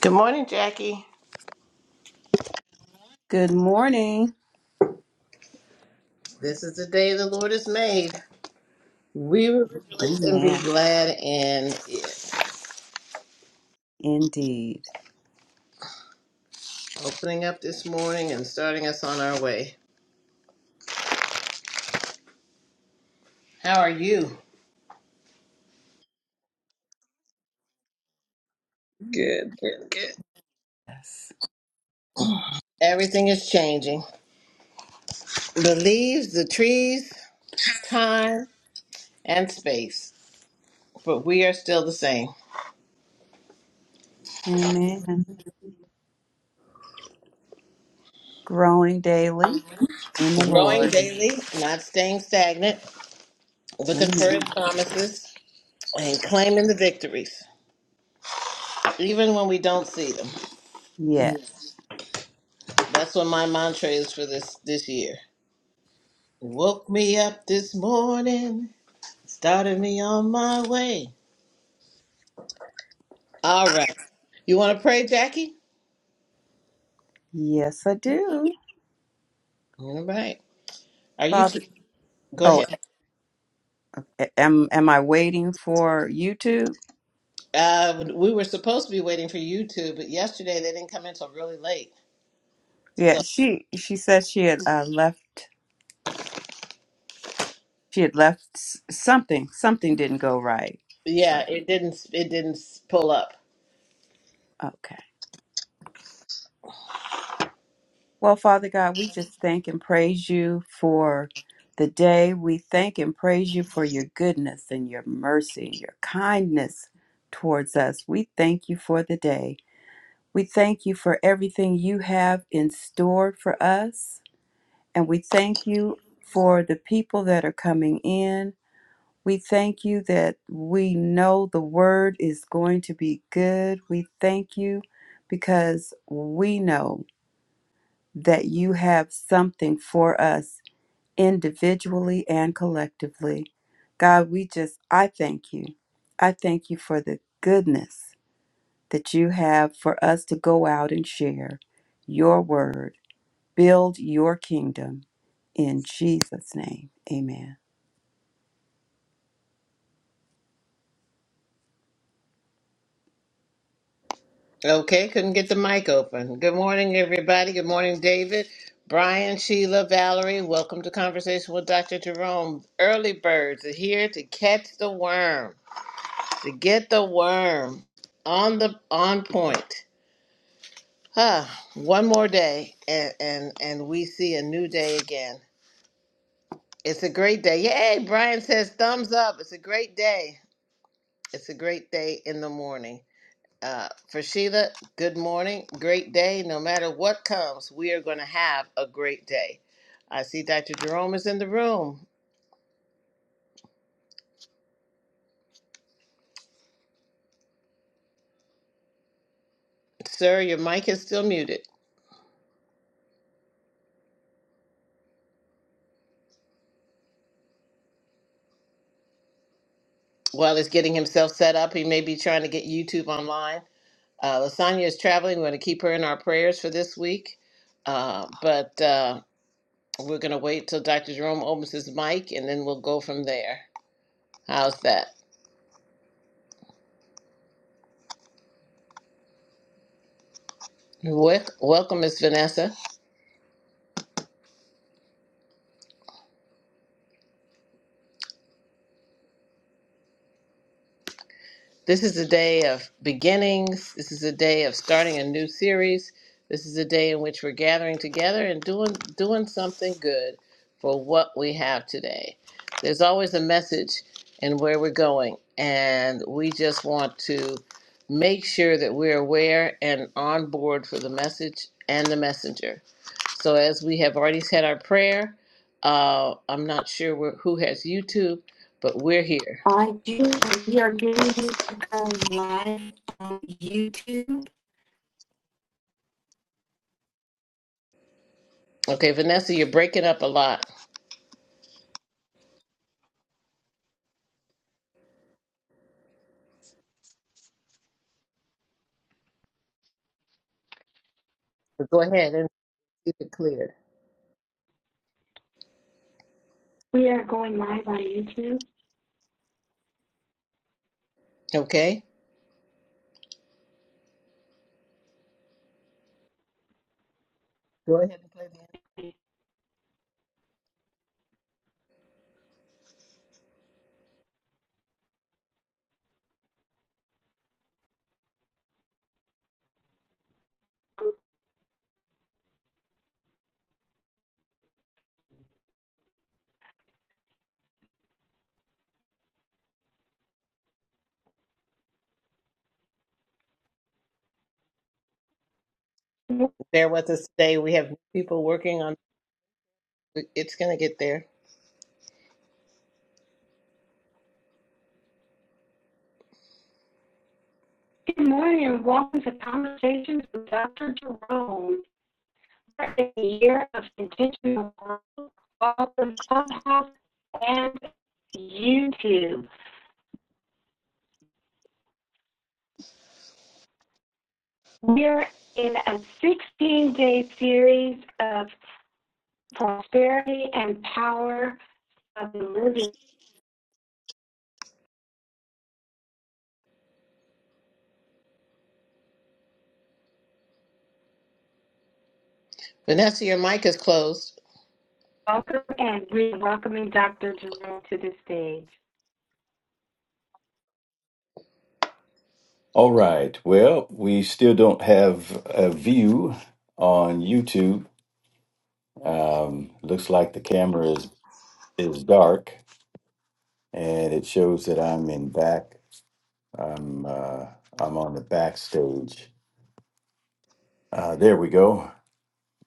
Good morning, Jackie. Good morning. This is the day the Lord has made. We will rejoice and be Amen. glad in it. Indeed. Opening up this morning and starting us on our way. How are you? Good, good, good. Yes. Everything is changing. The leaves, the trees, time, and space. But we are still the same. Amen. Growing daily in the Growing Lord. daily, not staying stagnant, looking for his Amen. promises, and claiming the victories. Even when we don't see them. Yes. That's what my mantra is for this this year. You Woke me up this morning, started me on my way. All right. You want to pray, Jackie? Yes, I do. All right. Are you Father, two? Go oh, ahead. a- am am I waiting for YouTube? Uh, we were supposed to be waiting for you two, but yesterday they didn't come in until really late. Yeah, So she she said she had uh, left. She had left s- something. Something didn't go right. So yeah, it didn't. It didn't pull up. okay. Well, Father God, we just thank and praise you for the day. We thank and praise you for your goodness and your mercy and your kindness towards us. We thank you for the day. We thank you for everything you have in store for us. And we thank you for the people that are coming in. We thank you that we know the word is going to be good. We thank you because we know that you have something for us individually and collectively. God, we just, I thank you. I thank you for the goodness that you have for us to go out and share your word, build your kingdom. In Jesus' name, amen. Okay, couldn't get the mic open. Good morning, everybody. Good morning, David, Brian, Sheila, Valerie. Welcome to Conversation with Dr. Jerome. Early birds are here to catch the worm. to get the worm on the on point. Huh. One more day and, and and we see a new day again. It's a great day. Yay, Brian says thumbs up. It's a great day. It's a great day in the morning. Uh, for Sheila, good morning. Great day. No matter what comes, we are going to have a great day. I see Dr. Jerome is in the room. Sir, your mic is still muted. While he's getting himself set up, he may be trying to get YouTube online. Uh, Lasagna is traveling. We're going to keep her in our prayers for this week. Uh, but uh, we're going to wait till Dr. Jerome opens his mic and then we'll go from there. How's that? Wel- welcome, Miss Vanessa. This is a day of beginnings. This is a day of starting a new series. This is a day in which we're gathering together and doing doing something good for what we have today. There's always a message and where we're going, and we just want to make sure that we're aware and on board for the message and the messenger. So as we have already said our prayer, uh, I'm not sure where, who has YouTube, but we're here. I do. We are going to go live on YouTube. Okay, Vanessa, you're breaking up a lot. Go ahead and keep it cleared. We are going live on YouTube. Okay? Go ahead and play the Bear with us today. We have people working on it's gonna get there. Good morning and welcome to Conversations with Dr. Jerome. A year of intentional growth both on Clubhouse and YouTube. We're in a 16 day series of prosperity and power of the living. Vanessa, your mic is closed. Welcome and we're welcoming Dr. Jerome to the stage. All right. Well, we still don't have a view on YouTube. Um, looks like the camera is is dark, and it shows that I'm in back. I'm uh, I'm on the backstage. Uh, there we go.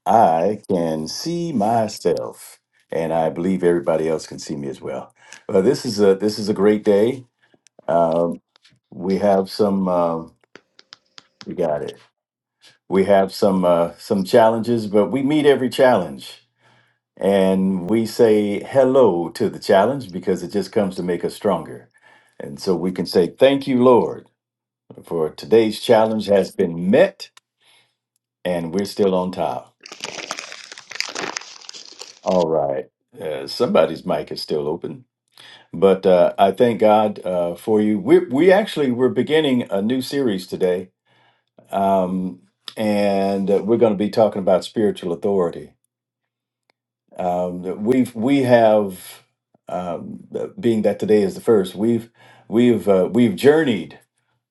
I can see myself, and I believe everybody else can see me as well. Uh, this is a this is a great day. Um, we have some. Uh, we got it. We have some uh, some challenges, but we meet every challenge And we say hello to the challenge because it just comes to make us stronger. And so we can say, Thank you, Lord, for today's challenge has been met and we're still on top. All right. Uh, somebody's mic is still open. But uh, I thank God uh, for you. We, we actually we're beginning a new series today. Um, and uh, we're going to be talking about spiritual authority Um, we've we have um, being that today is the first. We've we've uh, we've journeyed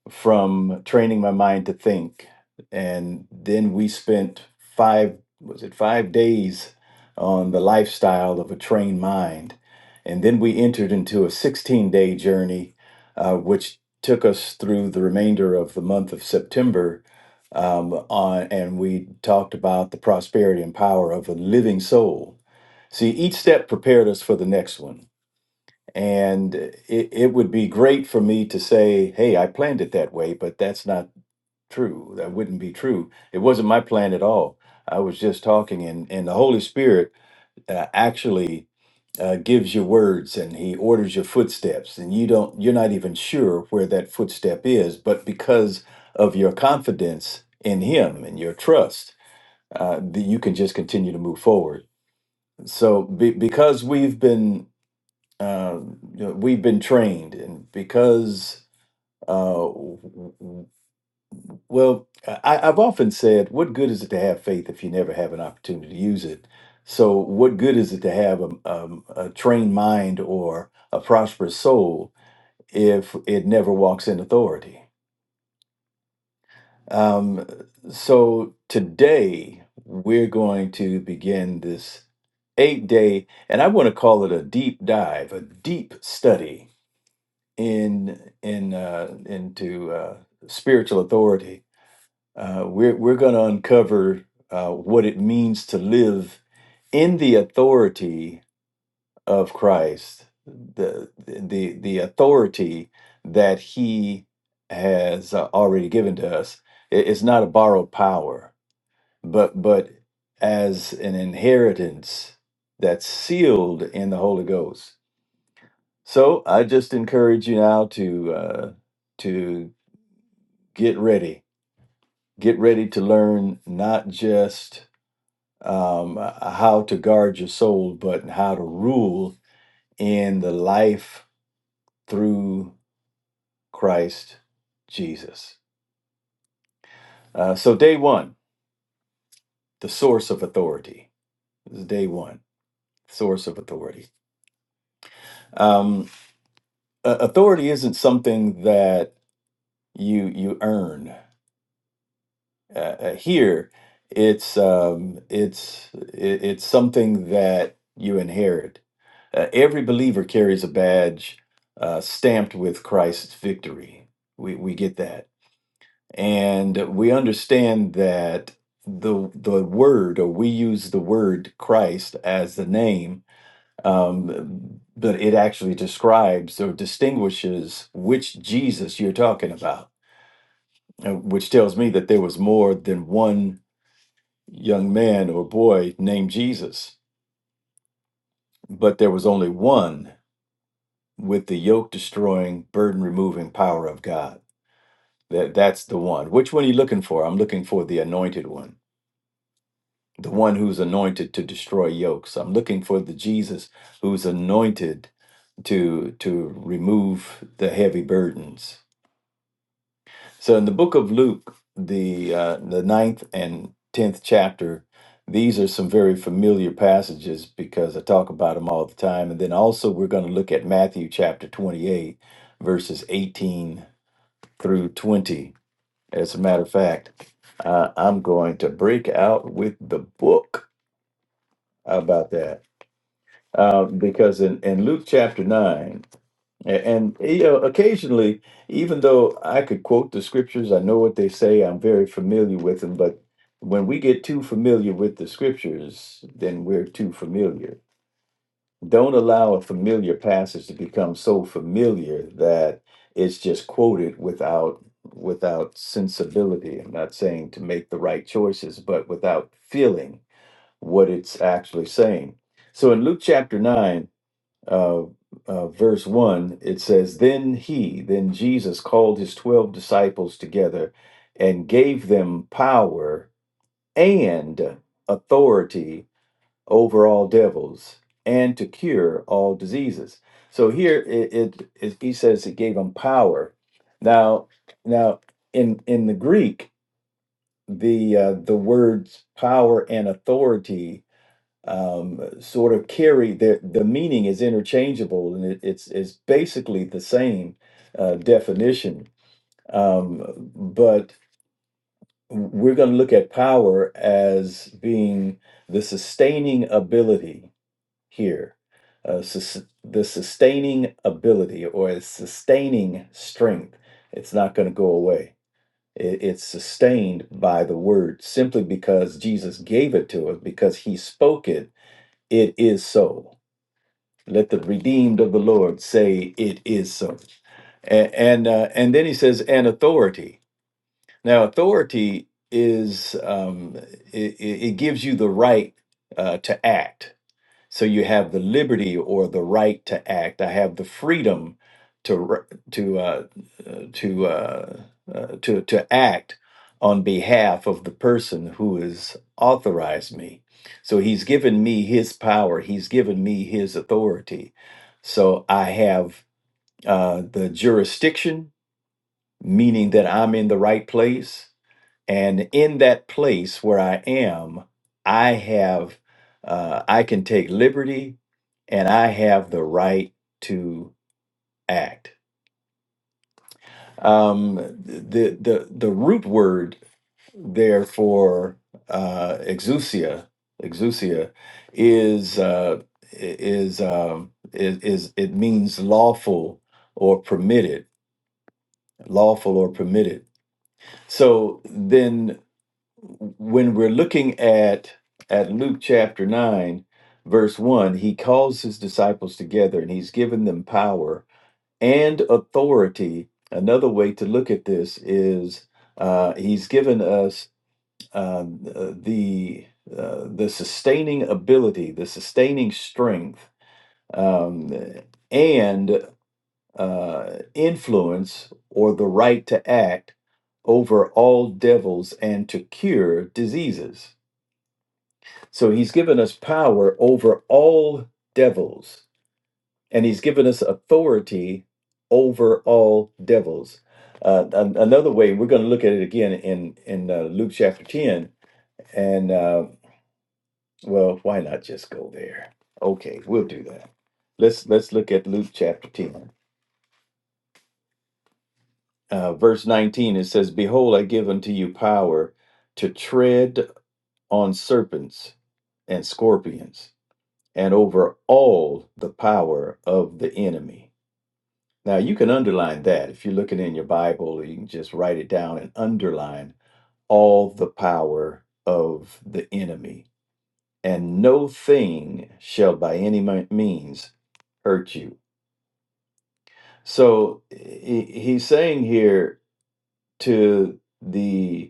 from training my mind to think, and then we spent five was it five days on the lifestyle of a trained mind, and then we entered into a sixteen day journey, uh, which took us through the remainder of the month of September um, on, and we talked about the prosperity and power of a living soul See, each step prepared us for the next one. And it, it would be great for me to say, hey, I planned it that way, but that's not true. That wouldn't be true. It wasn't my plan at all. I was just talking, and, and the Holy Spirit uh, actually uh, gives you words and he orders your footsteps, and you don't, you're not even sure where that footstep is, but because of your confidence in him and your trust, uh, that you can just continue to move forward. So, be, because we've been uh, you know, we've been trained, and because, uh, well, I, I've often said, what good is it to have faith if you never have an opportunity to use it? So, what good is it to have a, um a trained mind or a prosperous soul if it never walks in authority? Um, so, today we're going to begin this eight day, and I want to call it a deep dive, a deep study in in uh, into uh, spiritual authority, uh, we're we're going to uncover uh, what it means to live in the authority of Christ, the the the authority that He has uh, already given to us. It- It's not a borrowed power, but but as an inheritance that's sealed in the Holy Ghost. So I just encourage you now to uh, to get ready. Get ready to learn not just um, uh, how to guard your soul, but how to rule in the life through Christ Jesus. Uh, so, day one, the source of authority. This is day one, source of authority. Um, uh, authority isn't something that you you earn. Uh, uh, here, it's um, it's it, it's something that you inherit Uh, every believer carries a badge uh, stamped with Christ's victory. We, we get that. And we understand that the, the word, or we use the word Christ as the name, um, but it actually describes or distinguishes which Jesus you're talking about, uh, which tells me that there was more than one young man or boy named Jesus, but there was only one with the yoke destroying, burden removing power of God. That that's the one. Which one are you looking for? I'm looking for the anointed one, the one who's anointed to destroy yokes. I'm looking for the Jesus who's anointed to to remove the heavy burdens. So in the book of Luke, the uh, the ninth and tenth chapter, these are some very familiar passages because I talk about them all the time. And then also we're going to look at Matthew chapter twenty eight, verses eighteen through 20. As a matter of fact, uh, I'm going to break out with the book about that. Uh, because in, in Luke chapter 9, a- and you know, occasionally, even though I could quote the scriptures, I know what they say, I'm very familiar with them, but when we get too familiar with the scriptures, then we're too familiar Don't allow a familiar passage to become so familiar that it's just quoted without without sensibility. I'm not saying to make the right choices, but without feeling what it's actually saying. So in Luke chapter nine, uh, uh, verse one, it says, "Then he, then Jesus, called his twelve disciples together, and gave them power and authority." over all devils and to cure all diseases. So here it, it, it he says it gave him power. Now now in in the Greek the uh, the words power and authority um, sort of carry the the meaning is interchangeable and it, it's it's basically the same uh, definition. Um, but we're going to look at power as being the sustaining ability here. Uh, sus- the sustaining ability or a sustaining strength, it's not going to go away. It- it's sustained by the word simply because Jesus gave it to us, because he spoke it. It is so. Let the redeemed of the Lord say, It is so. And, and, uh, and then he says, And authority. Now, authority is, um, it, it gives you the right uh, to act so you have the liberty or the right to act. I have the freedom to r- to uh, uh, to uh, uh, to to act on behalf of the person who has authorized me. So he's given me his power. He's given me his authority. So I have uh, the jurisdiction, meaning that I'm in the right place. And in that place where I am, I have, uh, I can take liberty and I have the right to act. Um, the, the, the root word there for uh, exousia, exousia is, uh, i- is, um, is, is, it means lawful or permitted, lawful or permitted. So then when we're looking at at Luke chapter 9 verse 1 he calls his disciples together and he's given them power and authority another way to look at this is uh, he's given us um, uh, the uh, the sustaining ability the sustaining strength um, and uh, influence or the right to act over all devils and to cure diseases so he's given us power over all devils, and he's given us authority over all devils. Uh, an- another way, we're going to look at it again in in uh, Luke chapter ten, and uh, well, why not just go there? Okay, we'll do that. Let's let's look at Luke chapter ten, uh, verse nineteen. It says, "Behold, I give unto you power to tread on serpents and scorpions." and over all the power of the enemy. Now, you can underline that. If you're looking in your Bible, you can just write it down and underline all the power of the enemy. And no thing shall by any means hurt you. So he's saying here to the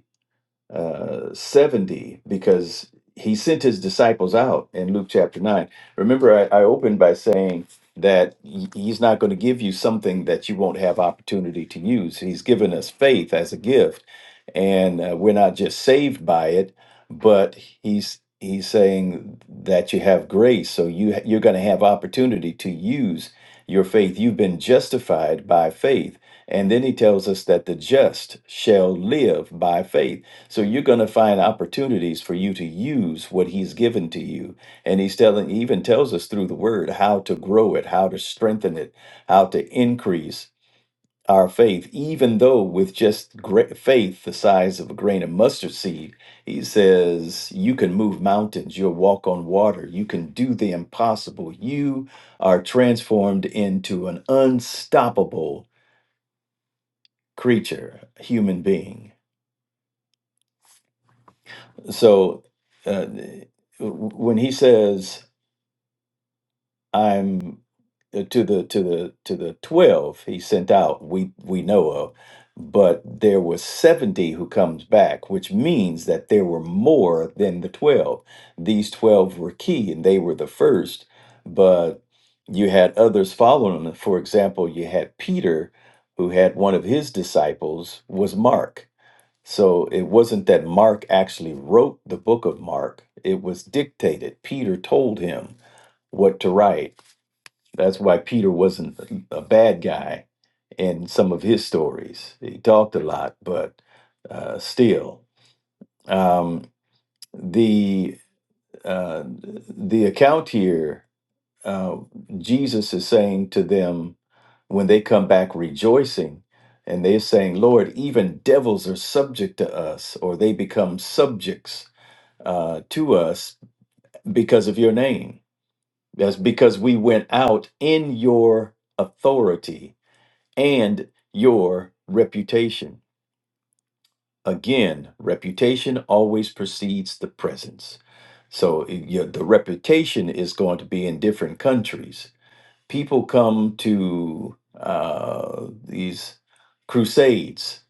uh, 70 because he sent his disciples out in Luke chapter 9. Remember, I, I opened by saying that he- he's not going to give you something that you won't have opportunity to use. He's given us faith as a gift and uh, we're not just saved by it but he's he's saying that you have grace so you you're going to have opportunity to use your faith you've been justified by faith and then he tells us that the just shall live by faith so you're going to find opportunities for you to use what he's given to you and he's telling he even tells us through the word how to grow it how to strengthen it how to increase our faith, even though with just great faith the size of a grain of mustard seed, he says, you can move mountains, you'll walk on water, you can do the impossible. You are transformed into an unstoppable creature, human being. So uh, when he says, I'm uh, to the to the to the 12 he sent out we we know of but there were 70 who comes back which means that there were more than the 12 these 12 were key and they were the first but you had others following them for example you had Peter who had one of his disciples was Mark so it wasn't that Mark actually wrote the book of Mark it was dictated Peter told him what to write that's why Peter wasn't a a bad guy in some of his stories. He talked a lot, but uh, still, um, the uh, the account here, uh, Jesus is saying to them when they come back rejoicing, and they're saying, "Lord, even devils are subject to us, or they become subjects uh, to us because of your name." That's because we went out in your authority and your reputation. Again, reputation always precedes the presence. So i- your, the reputation is going to be in different countries. People come to uh, these crusades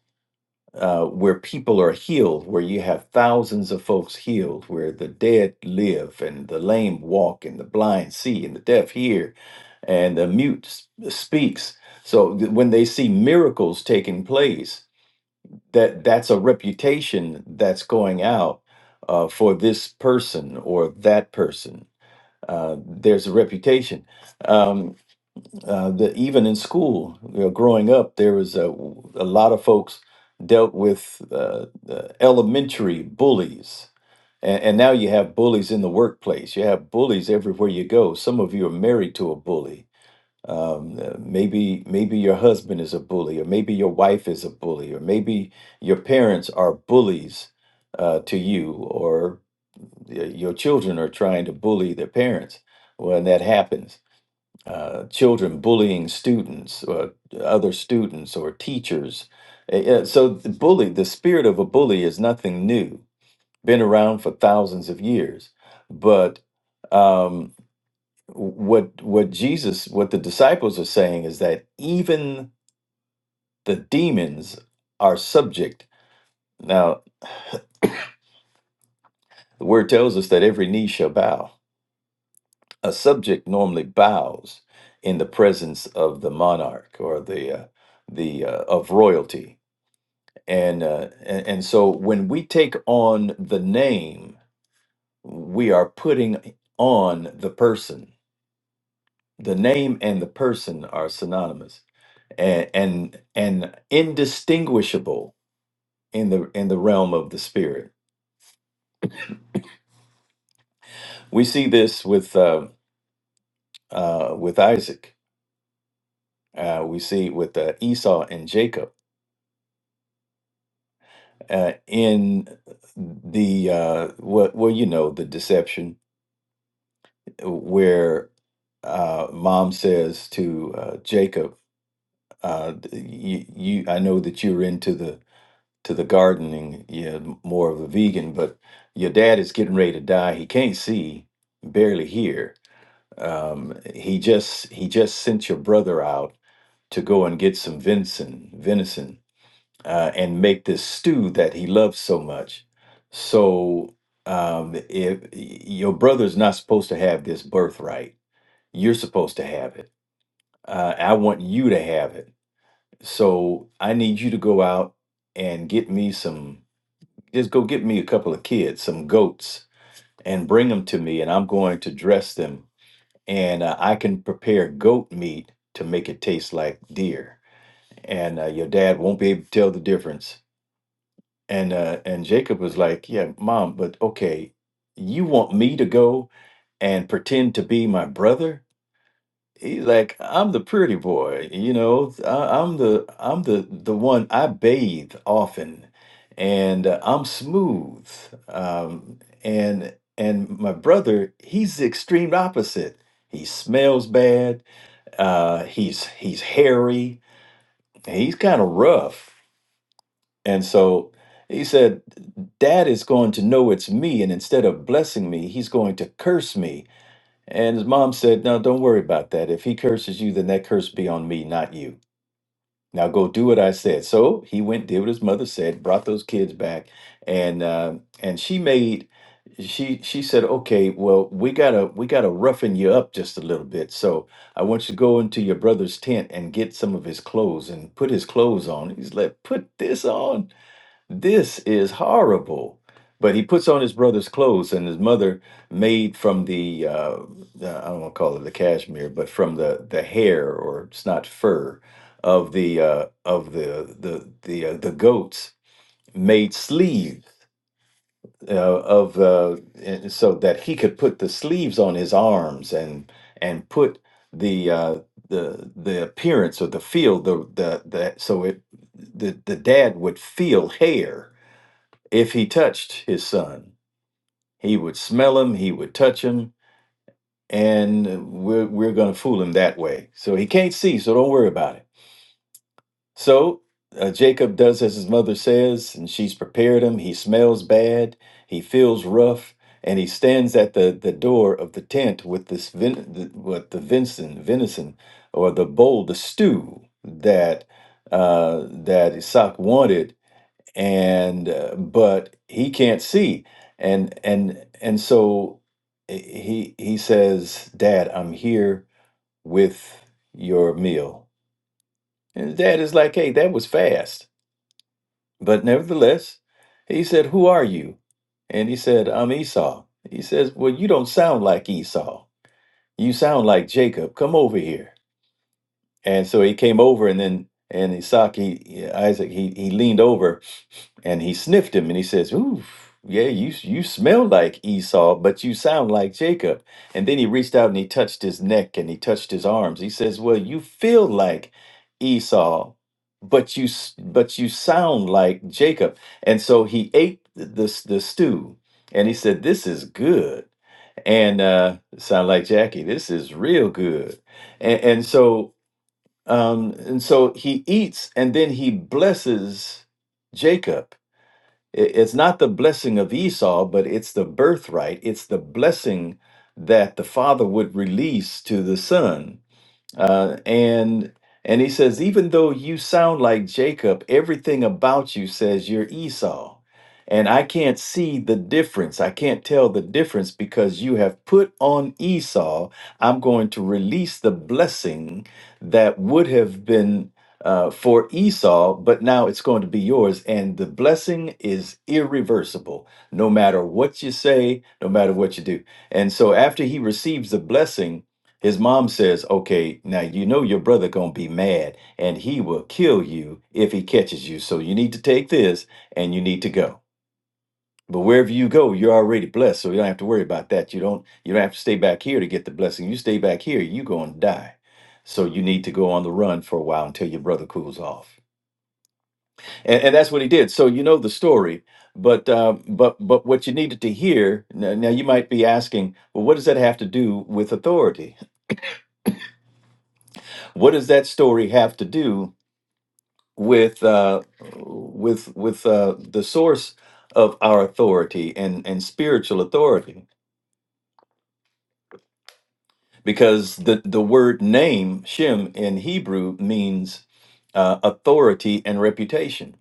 uh, where people are healed, where you have thousands of folks healed, where the dead live and the lame walk and the blind see and the deaf hear and the mute s- speaks. So th- when they see miracles taking place, that that's a reputation that's going out uh, for this person or that person. Uh, there's a reputation. Um, uh, the, even in school, you know, growing up, there was a, a lot of folks dealt with uh, uh, elementary bullies. And, and now you have bullies in the workplace. You have bullies everywhere you go. Some of you are married to a bully um, uh, maybe maybe your husband is a bully or maybe your wife is a bully or maybe your parents are bullies uh, to you or y- your children are trying to bully their parents when that happens uh, children bullying students or other students or teachers Uh, uh, so the bully the spirit of a bully is nothing new been around for thousands of years but um, what what Jesus what the disciples are saying is that even the demons are subject. Now, the word tells us that every knee shall bow. A subject normally bows in the presence of the monarch or the uh, the uh, of royalty. And, uh, and and so when we take on the name, we are putting on the person. The name and the person are synonymous and and and indistinguishable in the in the realm of the spirit. We see this with uh, uh, with Isaac. Uh, we see it with uh, Esau and Jacob uh, in the uh, well, well, you know, the deception where uh, mom says to uh, Jacob, uh, you, "You, I know that you're into the to the gardening, you're more of a vegan, but your dad is getting ready to die. He can't see, barely hear." Um, he just he just sent your brother out to go and get some venison, venison, uh, and make this stew that he loves so much. So um, if your brother's not supposed to have this birthright, you're supposed to have it. Uh, I want you to have it. So I need you to go out and get me some. Just go get me a couple of kids, some goats, and bring them to me, and I'm going to dress them and uh, I can prepare goat meat to make it taste like deer, and uh, your dad won't be able to tell the difference. And uh, and Jacob was like, "Yeah, mom, but okay, you want me to go and pretend to be my brother?" He's like, "I'm the pretty boy, you know. I, I'm the I'm the the one I bathe often, and uh, I'm smooth, um, and." And my brother, he's the extreme opposite. He smells bad. Uh, he's he's hairy. He's kind of rough. And so he said, Dad is going to know it's me, and instead of blessing me, he's going to curse me. And his mom said, No, don't worry about that. If he curses you, then that curse be on me, not you. Now go do what I said. So he went, did what his mother said, brought those kids back, and uh, and she made she she said, okay, well we gotta we gotta roughen you up just a little bit. So I want you to go into your brother's tent and get some of his clothes and put his clothes on. He's like, put this on. This is horrible. But he puts on his brother's clothes, and his mother made from the, uh, the- I don't want to call it the cashmere, but from the, the hair or it's not fur of the uh, of the the the uh, the goats made sleeves uh, of uh, and so that he could put the sleeves on his arms and and put the uh, the the appearance of the feel the the, the so it the, the dad would feel hair if he touched his son, he would smell him, he would touch him, and we're, we're going to fool him that way. So he can't see, so don't worry about it. So uh, Jacob does as his mother says, and she's prepared him. He smells bad, he feels rough, and he stands at the, the door of the tent with this ven- the, with the venison, venison, or the bowl, the stew that uh, that Isaac wanted and uh, but he can't see and and and so eh, he he says dad i'm here with your meal and his dad is like hey that was fast but nevertheless he said who are you and he said i'm esau he says well you don't sound like esau you sound like jacob come over here and so he came over and then and Isaac, he, Isaac, he, he leaned over And he sniffed him and he says, Ooh, yeah, you, you smell like Esau, but you sound like Jacob. And then he reached out and he touched his neck and he touched his arms. He says, Well, you feel like Esau, but you, s- but you sound like Jacob. And so he ate the, the, the stew and he said, This is good. And uh, sound like Jackie, this is real good. And, and so um, and so he eats and then he blesses Jacob it- It's not the blessing of Esau, but it's the birthright. It's the blessing that the father would release to the son uh, and and he says, even though you sound like Jacob, everything about you says you're Esau, and I can't see the difference. I can't tell the difference because you have put on Esau. I'm going to release the blessing that would have been. Uh, for Esau, but now it's going to be yours, and the blessing is irreversible. No matter what you say, no matter what you do, and so after he receives the blessing, his mom says, "Okay, now you know your brother going to be mad and he will kill you if he catches you. So you need to take this and you need to go. But wherever you go, you're already blessed, so you don't have to worry about that. You don't you don't have to stay back here to get the blessing. You stay back here, you going to die. So you need to go on the run for a while until your brother cools off." And, and that's what he did. So you know the story, but uh, but but what you needed to hear now, now you might be asking, well, what does that have to do with authority? What does that story have to do with uh, with with uh, the source of our authority and and spiritual authority, because the the word name Shem in Hebrew means uh, authority and reputation,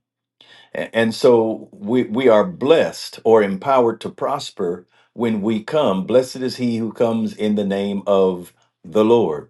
A- and so we we are blessed or empowered to prosper when we come. Blessed is he who comes in the name of the Lord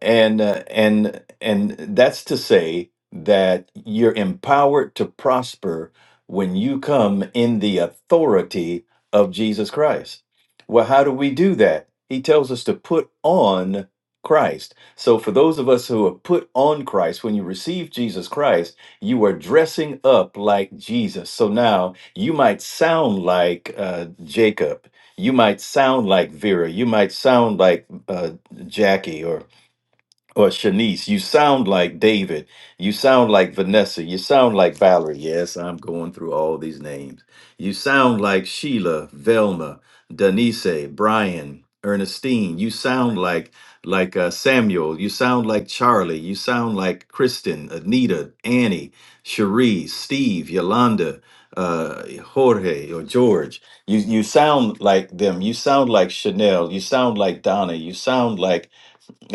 and uh, and and that's to say that you're empowered to prosper when you come in the authority of Jesus Christ. Well, how do we do that? He tells us to put on Christ. So for those of us who have put on Christ, when you receive Jesus Christ, you are dressing up like Jesus. So now you might sound like uh, Jacob. You might sound like Vera. You might sound like uh, Jackie or or Shanice, you sound like David. You sound like Vanessa. You sound like Valerie. Yes, I'm going through all these names. You sound like Sheila, Velma, Denise, Brian, Ernestine. You sound like like uh, Samuel. You sound like Charlie. You sound like Kristen, Anita, Annie, Cherie, Steve, Yolanda, uh, Jorge, or George. You you sound like them. You sound like Chanel. You sound like Donna. You sound like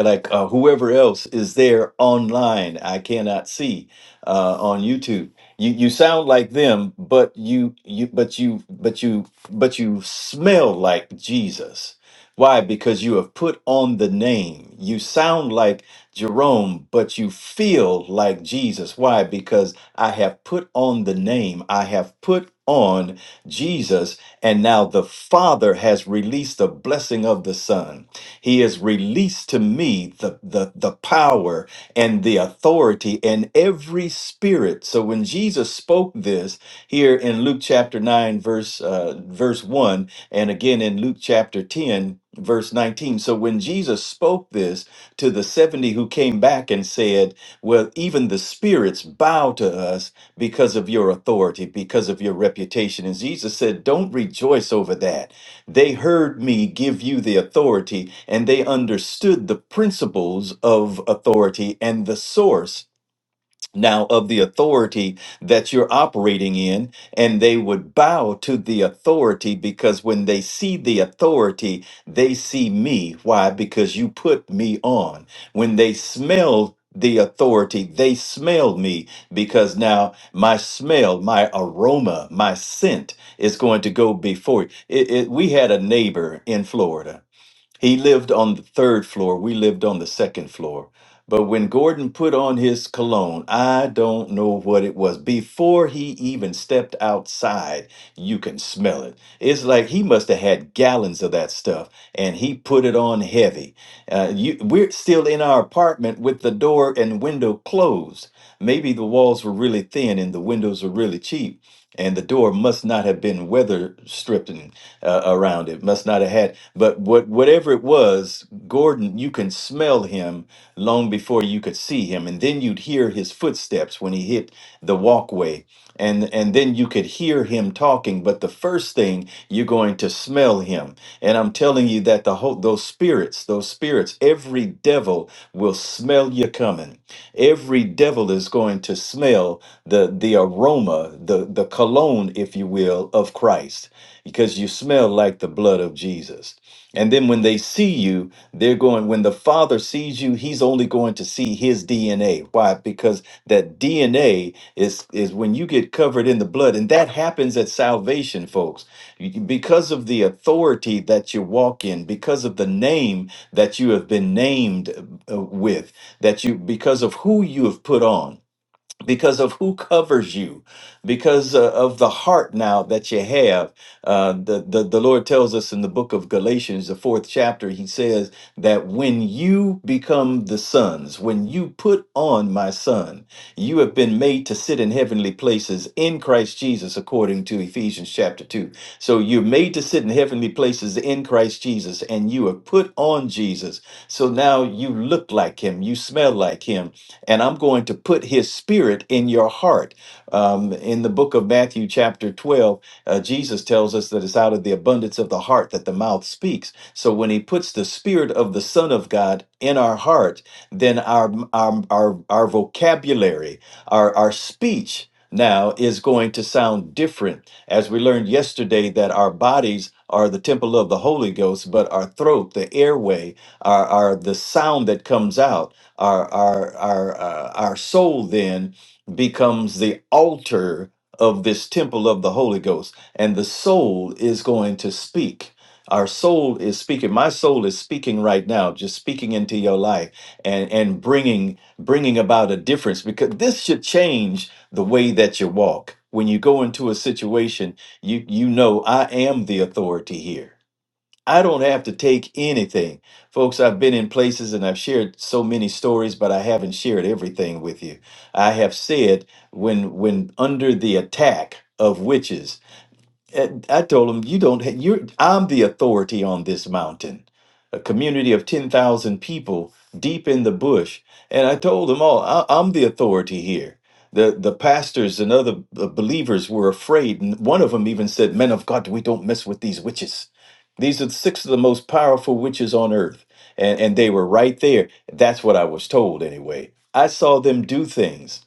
like uh, whoever else is there online i cannot see uh, on youtube you you sound like them but you you but you but you but you smell like jesus why because you have put on the name you sound like jerome but you feel like jesus why because i have put on the name i have put on jesus and now the father has released the blessing of the son he has released to me the, the, the power and the authority and every spirit. So when Jesus spoke this here in Luke chapter 9, verse, uh, verse 1, and again in Luke chapter 10, verse 19. So when Jesus spoke this to the 70 who came back and said, Well, even the spirits bow to us because of your authority, because of your reputation. And Jesus said, Don't rejoice over that they heard me give you the authority, and they understood the principles of authority and the source now of the authority that you're operating in, and they would bow to the authority because when they see the authority, they see me. Why? Because you put me on. When they smell the authority, they smell me because now my smell, my aroma, my scent is going to go before. It, it, we had a neighbor in Florida he lived on the third floor. We lived on the second floor. But when Gordon put on his cologne, I don't know what it was. Before he even stepped outside, you can smell it. It's like he must have had gallons of that stuff, and he put it on heavy. Uh, you, we're still in our apartment with the door and window closed. Maybe the walls were really thin and the windows were really cheap and the door must not have been weather stripping uh, around it must not have had but what whatever it was gordon you can smell him long before you could see him and then you'd hear his footsteps when he hit the walkway and and then you could hear him talking but the first thing you're going to smell him and i'm telling you that the whole those spirits those spirits every devil will smell you coming Every devil is going to smell the the aroma, the the cologne, if you will, of Christ, because you smell like the blood of Jesus. And then when they see you, they're going, when the Father sees you, he's only going to see his DNA. Why? Because that DNA is, is when you get covered in the blood, and that happens at salvation, folks. You- Because of the authority that you walk in, because of the name that you have been named uh, with, that you because of who you have put on because of who covers you because uh, of the heart now that you have uh, the, the the lord tells us in the book of galatians the fourth chapter he says that when you become the sons, when you put on my son, you have been made to sit in heavenly places in Christ Jesus, according to Ephesians chapter 2. So you're made to sit in heavenly places in Christ Jesus, and you have put on Jesus. So now you look like him, you smell like him, and I'm going to put his spirit in your heart. Um, in the book of Matthew, chapter 12, uh, Jesus Jesus tells us that it's out of the abundance of the heart that the mouth speaks. So when he puts the spirit of the Son of God in our heart, then our our our, our vocabulary, our, our speech now is going to sound different. As we learned yesterday that our bodies are the temple of the Holy Ghost, but our throat, the airway, our our the sound that comes out. Our our our uh, our soul then becomes the altar of this temple of the Holy Ghost, and the soul is going to speak. Our soul is speaking. My soul is speaking right now, just speaking into your life and and bringing bringing about a difference because this should change the way that you walk. When you go into a situation, you you know I am the authority here. I don't have to take anything. Folks, I've been in places and I've shared so many stories, but I haven't shared everything with you. I have said when when under the attack of witches and I told him, "You don't. ha- You're. I'm the authority on this mountain. A community of ten thousand people deep in the bush." And I told them all, I, "I'm the authority here." The the pastors and other b- believers were afraid, and one of them even said, "Men of God, we don't mess with these witches. These are six of the most powerful witches on earth." And and they were right there. That's what I was told, anyway. I saw them do things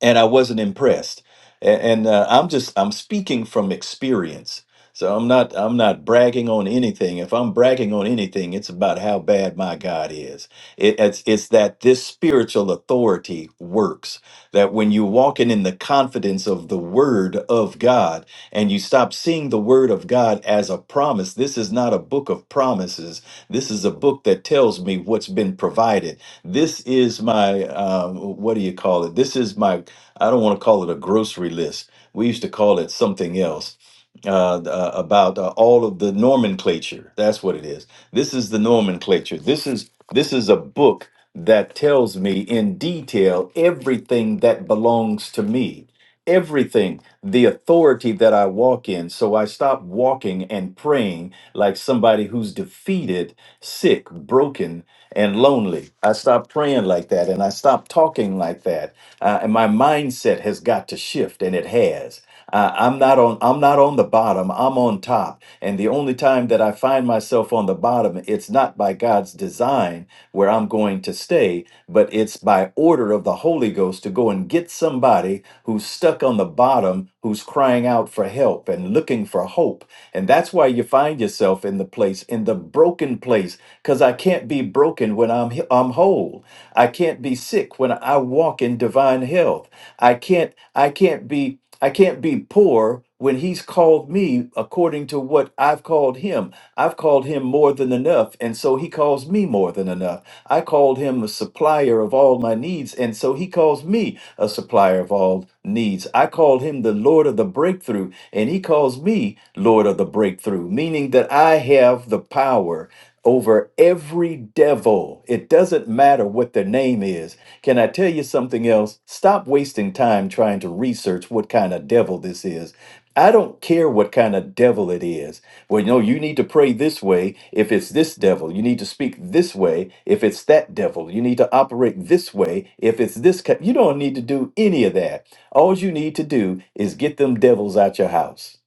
and I wasn't impressed. And, and uh, I'm just I'm speaking from experience, so I'm not I'm not bragging on anything. If I'm bragging on anything, it's about how bad my God is. It, it's it's that this spiritual authority works. That when you're walking in the confidence of the Word of God, and you stop seeing the Word of God as a promise. This is not a book of promises. This is a book that tells me what's been provided. This is my, um, what do you call it? This is my, I don't want to call it a grocery list. We used to call it something else uh, th- uh, about uh, all of the nomenclature. That's what it is. This is the nomenclature. This is this is a book that tells me in detail everything that belongs to me everything, the authority that I walk in. So I stop walking and praying like somebody who's defeated, sick, broken, and lonely. I stop praying like that and I stop talking like that. Uh, and my mindset has got to shift, and it has. Uh, I'm not on. I'm not on the bottom. I'm on top. And the only time that I find myself on the bottom, it's not by God's design where I'm going to stay, but it's by order of the Holy Ghost to go and get somebody who's stuck on the bottom, who's crying out for help and looking for hope. And that's why you find yourself in the place, in the broken place, because I can't be broken when I'm he- I'm whole. I can't be sick when I walk in divine health. I can't. I can't be. I can't be poor when he's called me according to what I've called him. I've called him more than enough, and so he calls me more than enough. I called him a supplier of all my needs, and so he calls me a supplier of all needs. I called him the Lord of the breakthrough, and he calls me Lord of the breakthrough, meaning that I have the power over every devil. It doesn't matter what their name is. Can I tell you something else? Stop wasting time trying to research what kind of devil this is. I don't care what kind of devil it is. Well, you know, you need to pray this way if it's this devil. You need to speak this way if it's that devil. You need to operate this way if it's this. Kind. You don't need to do any of that. All you need to do is get them devils out your house.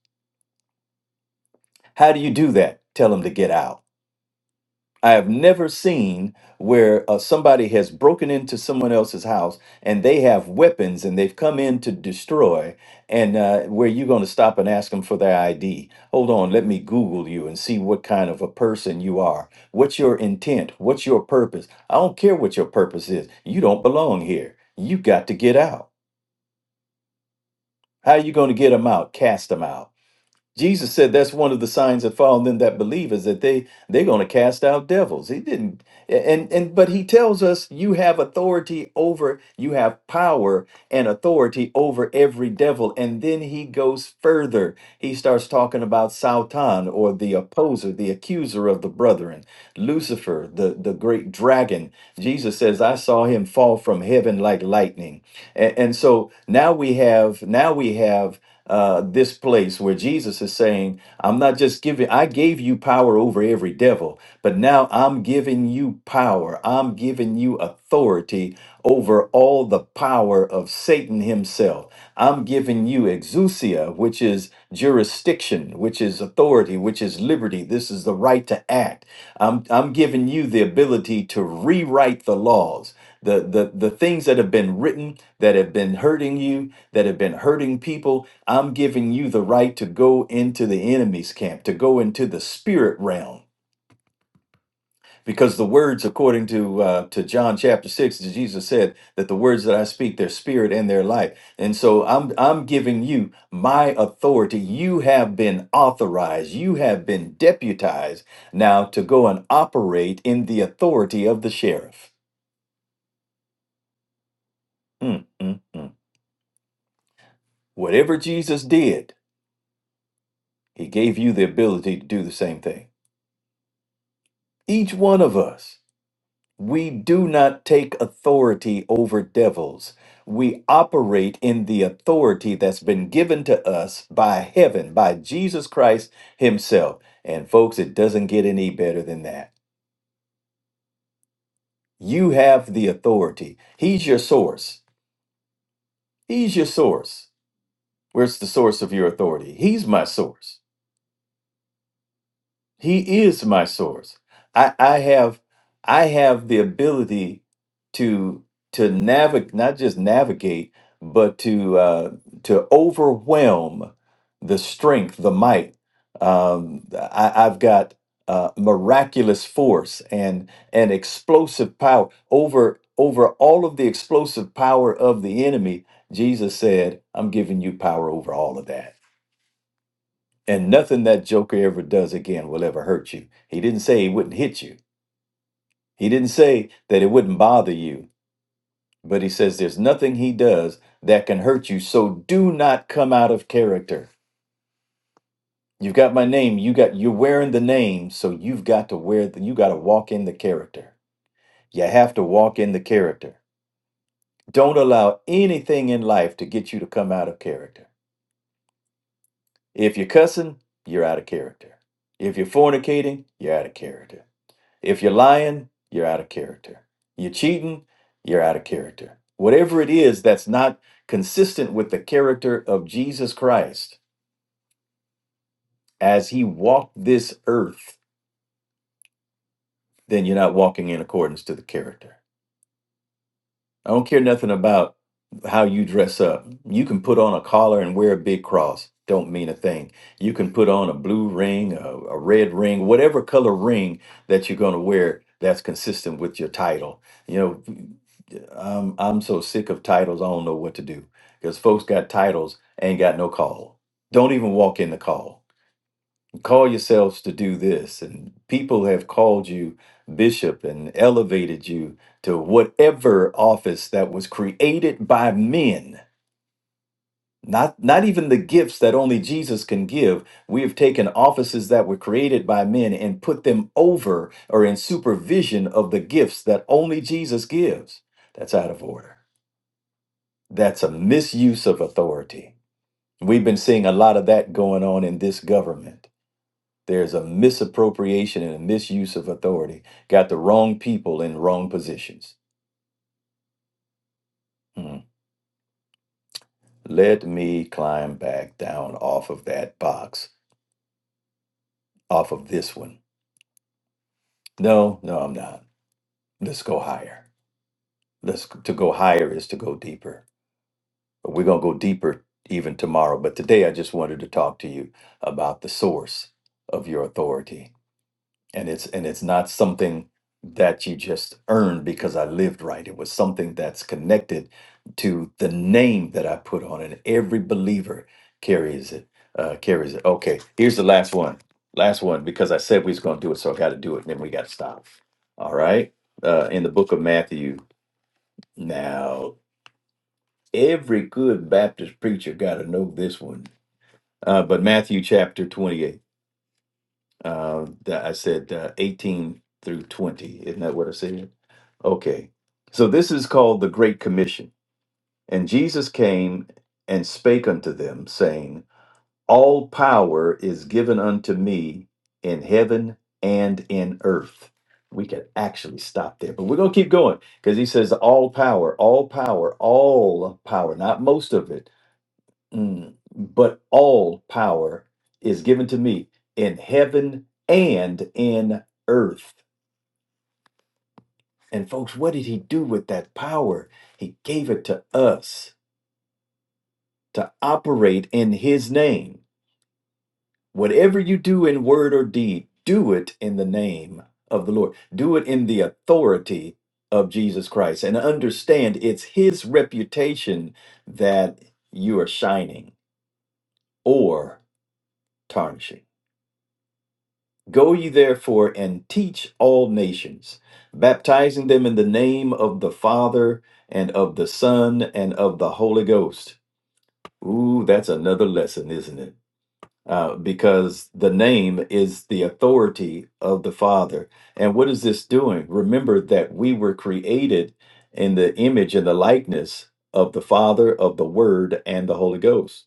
How do you do that? Tell them to get out. I have never seen where uh, somebody has broken into someone else's house and they have weapons and they've come in to destroy, and uh, where you're going to stop and ask them for their ID. Hold on, let me Google you and see what kind of a person you are. What's your intent? What's your purpose? I don't care what your purpose is. You don't belong here. You got to get out. How are you going to get them out? Cast them out. Jesus said that's one of the signs that follow them that believe is that they they're going to cast out devils. He didn't and and but he tells us you have authority over you have power and authority over every devil and then he goes further. He starts talking about Sautan or the opposer, the accuser of the brethren Lucifer, the, the great dragon, Jesus says, I saw him fall from heaven like lightning. And, and so now we have, now we have uh, this place where Jesus is saying, I'm not just giving, I gave you power over every devil, but now I'm giving you power. I'm giving you authority over all the power of Satan himself. I'm giving you exousia, which is jurisdiction, which is authority, which is liberty. This is the right to act. I'm I'm giving you the ability to rewrite the laws, the the the things that have been written that have been hurting you, that have been hurting people. I'm giving you the right to go into the enemy's camp, to go into the spirit realm because the words according to uh, to john chapter 6 jesus said that the words that i speak they're spirit and they're life and so i'm i'm giving you my authority you have been authorized you have been deputized now to go and operate in the authority of the sheriff Mm, mm, mm. whatever jesus did he gave you the ability to do the same thing each one of us We do not take authority over devils. We operate in the authority that's been given to us by heaven, by Jesus Christ Himself. And folks, it doesn't get any better than that. You have the authority. He's your source. He's your source. Where's the source of your authority? He's my source. He is my source. I, I have I have the ability to to navigate not just navigate, but to uh, to overwhelm the strength, the might. Um, I, I've got uh, miraculous force and and explosive power over over all of the explosive power of the enemy. Jesus said, "I'm giving you power over all of that." And nothing that Joker ever does again will ever hurt you. He didn't say he wouldn't hit you. He didn't say that it wouldn't bother you. But he says there's nothing he does that can hurt you. So do not come out of character. You've got my name. You got you're wearing the name, so you've got to wear the, you got to walk in the character. You have to walk in the character. Don't allow anything in life to get you to come out of character. If you're cussing, you're out of character. If you're fornicating, you're out of character. If you're lying, you're out of character. You're cheating, you're out of character. Whatever it is that's not consistent with the character of Jesus Christ as he walked this earth, then you're not walking in accordance to the character. I don't care nothing about how you dress up. You can put on a collar and wear a big cross. Don't mean a thing. You can put on a blue ring, a, a red ring, whatever color ring that you're going to wear that's consistent with your title. You know, I'm, I'm so sick of titles, I don't know what to do because folks got titles, ain't got no call. Don't even walk in the call call yourselves to do this and people have called you bishop and elevated you to whatever office that was created by men not not even the gifts that only Jesus can give we have taken offices that were created by men and put them over or in supervision of the gifts that only Jesus gives that's out of order that's a misuse of authority we've been seeing a lot of that going on in this government There's a misappropriation and a misuse of authority. Got the wrong people in wrong positions. Hmm. Let me climb back down off of that box, off of this one. No, no, I'm not. Let's go higher. Let's to go higher is to go deeper. But we're gonna go deeper even tomorrow. But today I just wanted to talk to you about the source of your authority and it's and it's not something that you just earned because I lived right. It was something that's connected to the name that I put on it. Every believer carries it. Uh, carries it. Okay, here's the last one. Last one because I said we was going to do it, so I got to do it. And then we got to stop. All right. Uh, in the book of Matthew, now every good Baptist preacher got to know this one. Uh, but Matthew chapter 28. Uh, that I said uh, 18 through 20. Isn't that what I said? Okay. So this is called the Great Commission. And Jesus came and spake unto them, saying, All power is given unto me in heaven and in earth. We could actually stop there, but we're going to keep going because he says, All power, all power, all power, not most of it, mm, but all power is given to me in heaven and in earth. And folks, what did he do with that power? He gave it to us to operate in his name. Whatever you do in word or deed, do it in the name of the Lord. Do it in the authority of Jesus Christ and understand it's his reputation that you are shining or tarnishing. Go ye therefore and teach all nations, baptizing them in the name of the Father and of the Son and of the Holy Ghost Ooh, that's another lesson, isn't it? Uh, because the name is the authority of the Father. And what is this doing? Remember that we were created in the image and the likeness of the Father, of the Word, and the Holy Ghost.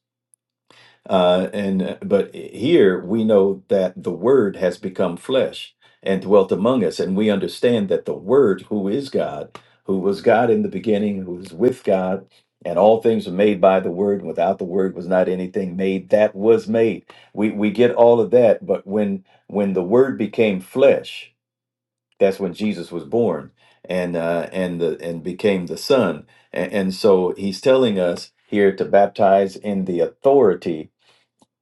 Uh, and uh, but here we know that the Word has become flesh and dwelt among us, and we understand that the Word, who is God, who was God in the beginning, who is with God, and all things were made by the Word. and Without the Word was not anything made that was made. We we get all of that, but when when the Word became flesh, that's when Jesus was born and uh, and the and became the Son, and, and so He's telling us here to baptize in the authority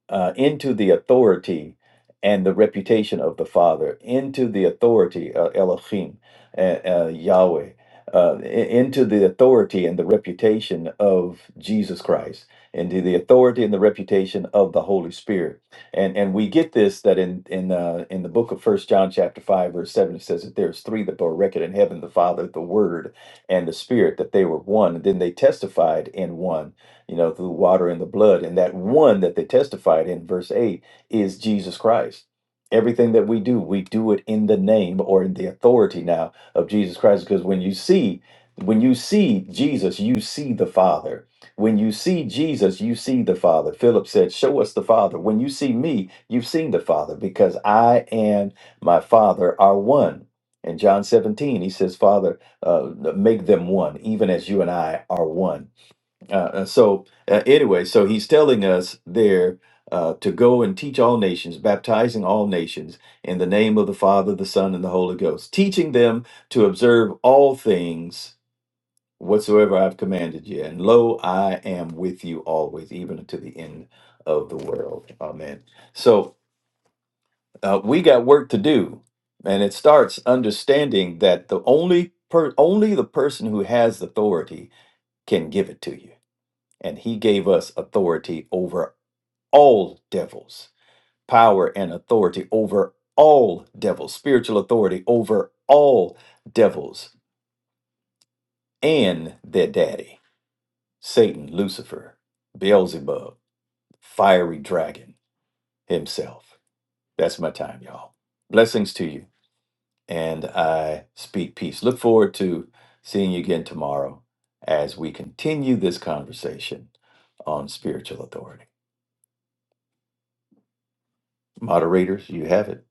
uh, into the authority and the reputation of the Father, into the authority uh, Elohim, uh, uh, Yahweh, uh, i- into the authority and the reputation of Jesus Christ, into the authority and the reputation of the Holy Spirit. And and we get this that in in uh, in the book of First John chapter five verse seven it says that there's three that are reckoned in heaven: the Father, the Word, and the Spirit. That they were one. And then they testified in one you know, through water and the blood. And that one that they testified in verse 8 is Jesus Christ. Everything that we do, we do it in the name or in the authority now of Jesus Christ. Because when you see, when you see Jesus, you see the Father. When you see Jesus, you see the Father. Philip said, Show us the Father. When you see me, you've seen the Father, because I and my Father are one. In John 17, he says, Father, uh, make them one, even as you and I are one. Uh, uh, so uh, anyway, so he's telling us there uh, to go and teach all nations, baptizing all nations in the name of the Father, the Son, and the Holy Ghost, teaching them to observe all things whatsoever I've commanded you. And lo, I am with you always, even unto the end of the world. Amen. So uh, we got work to do, and it starts understanding that the only per- only the person who has authority can give it to you and he gave us authority over all devils, power and authority over all devils, spiritual authority over all devils and their daddy, Satan, Lucifer, Beelzebub, fiery dragon himself. That's my time, y'all. Blessings to you. And I speak peace. Look forward to seeing you again tomorrow as we continue this conversation on spiritual authority. Moderators, you have it.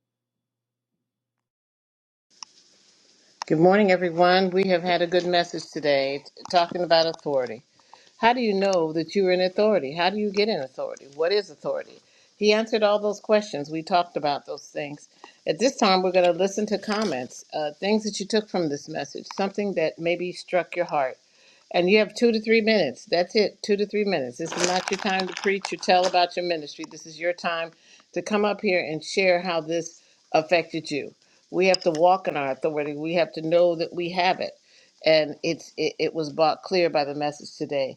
Good morning, everyone. We have had a good message today t- talking about authority. How do you know that you're in authority? How do you get in authority? What is authority? He answered all those questions. We talked about those things. At this time, we're going to listen to comments, uh, things that you took from this message, something that maybe struck your heart. And you have two to three minutes. That's it, two to three minutes. This is not your time to preach or tell about your ministry. This is your time to come up here and share how this affected you. We have to walk in our authority, we have to know that we have it. And it's, it, it was brought clear by the message today.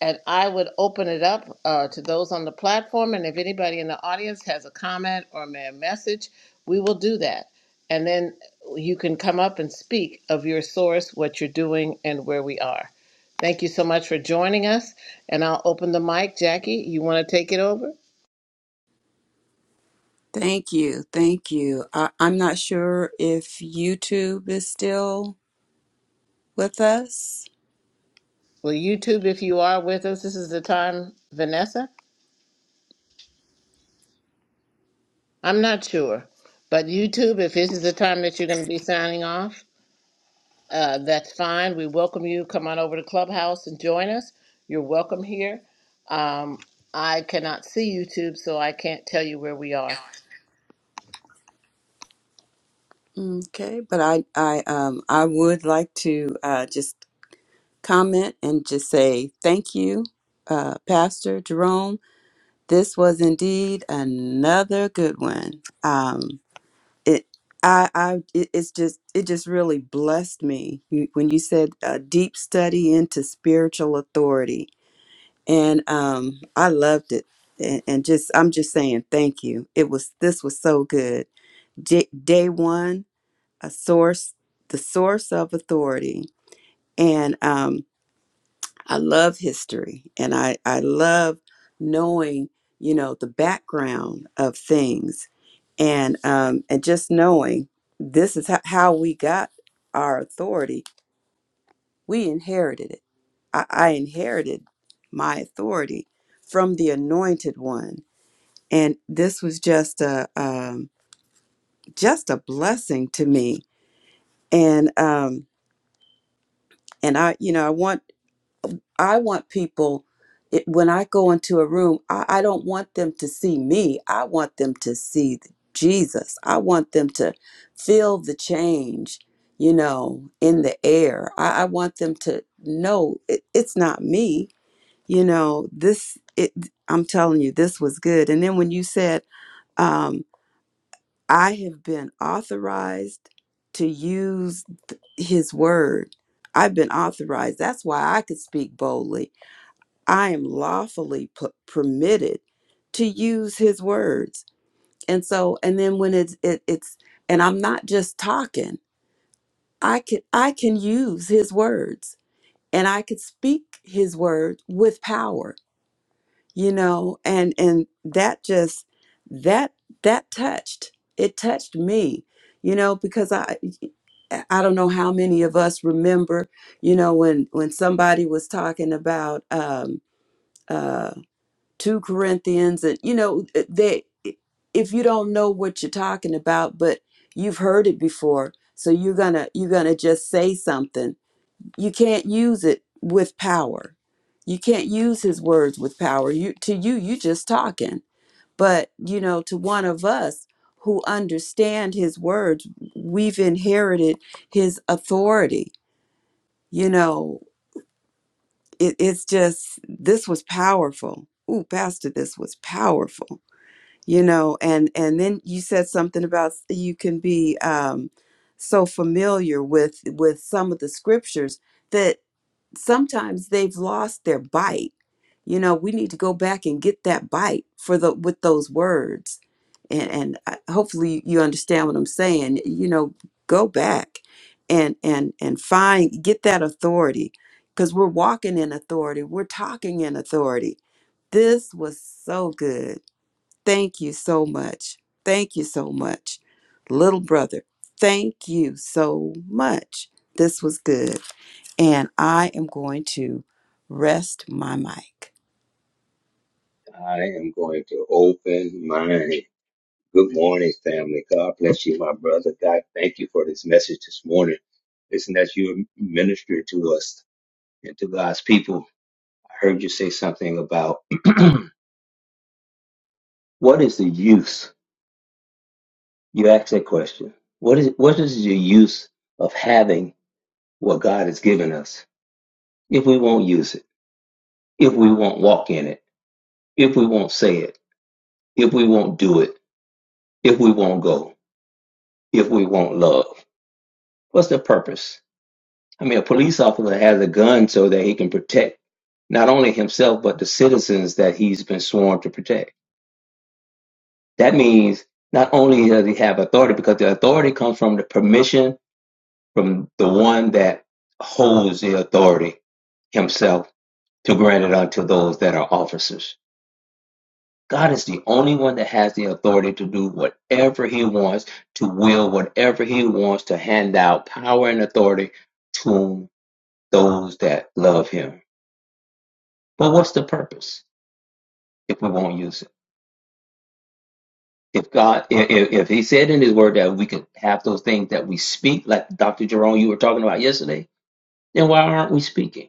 And I would open it up uh, to those on the platform. And if anybody in the audience has a comment or may a message, we will do that. And then you can come up and speak of your source, what you're doing, and where we are. Thank you so much for joining us. And I'll open the mic. Jackie, you want to take it over? Thank you. Thank you. I, I'm not sure if YouTube is still with us. Well, YouTube, if you are with us, this is the time, Vanessa? I'm not sure. But YouTube, if this is the time that you're going to be signing off, Uh, that's fine. We welcome you. Come on over to Clubhouse and join us. You're welcome here. Um, I cannot see YouTube, so I can't tell you where we are. Okay, but I I um I would like to uh, just comment and just say thank you, uh, Pastor Jerome. This was indeed another good one. Um, it, I, I, it, it's just, it just really blessed me You- when you said a deep study into spiritual authority, and um, I loved it. And, and just, I'm just saying thank you. It was, this was so good. J- day one, a source, the source of authority, and um, I love history and I, I love knowing, you know, the background of things and um and just knowing this is ho- how we got our authority. We inherited it. I, I inherited my authority from the anointed one. And this was just a um just a blessing to me. And um and I you know I want I want people, it, when I go into a room, I, I don't want them to see me. I want them to see th- Jesus. I want them to feel the change, you know, in the air. I, I want them to know it, it's not me, you know, this, it, I'm telling you, this was good. And then when you said, um, I have been authorized to use th- his word, I've been authorized. That's why I could speak boldly I am lawfully p- permitted to use his words. And so, and then when it's, it, it's, and I'm not just talking, I can, I can use his words and I could speak his word with power, you know, and, and that just, that, that touched, it touched me, you know, because I, I don't know how many of us remember, you know, when, when somebody was talking about, um, uh, 2 Corinthians and you know uh, they if you don't know what you're talking about but you've heard it before so you're going to you're going to just say something you can't use it with power you can't use his words with power you to you you just talking but you know to one of us who understand his words we've inherited his authority you know it, it's just this was powerful ooh pastor this was powerful you know and and then you said something about s- you can be um so familiar with with some of the scriptures that sometimes they've lost their bite you know we need to go back and get that bite for the with those words and and I- hopefully you understand what i'm saying you know go back and and and find get that authority because we're walking in authority we're talking in authority this was so good Thank you so much. Thank you so much. Little brother, thank you so much. This was good. And I am going to rest my mic. I am going to open my good morning, family. God bless you, my brother. God, thank you for this message this morning. Listen, as you minister to us and to God's people. I heard you say something about what is the use? You asked that question. What is what is the use of having what God has given us if we won't use it, if we won't walk in it, if we won't say it, if we won't do it, if we won't go, if we won't love? What's the purpose? I mean, a police officer has a gun so that he can protect not only himself, but the citizens that he's been sworn to protect. That means not only does he have authority, because the authority comes from the permission from the one that holds the authority himself to grant it unto those that are officers. God is the only one that has the authority to do whatever he wants, to will whatever he wants, to hand out power and authority to those that love him. But what's the purpose if we won't use it? If God, if, if He said in His Word that we could have those things that we speak, like Dr. Jerome, you were talking about yesterday, then why aren't we speaking?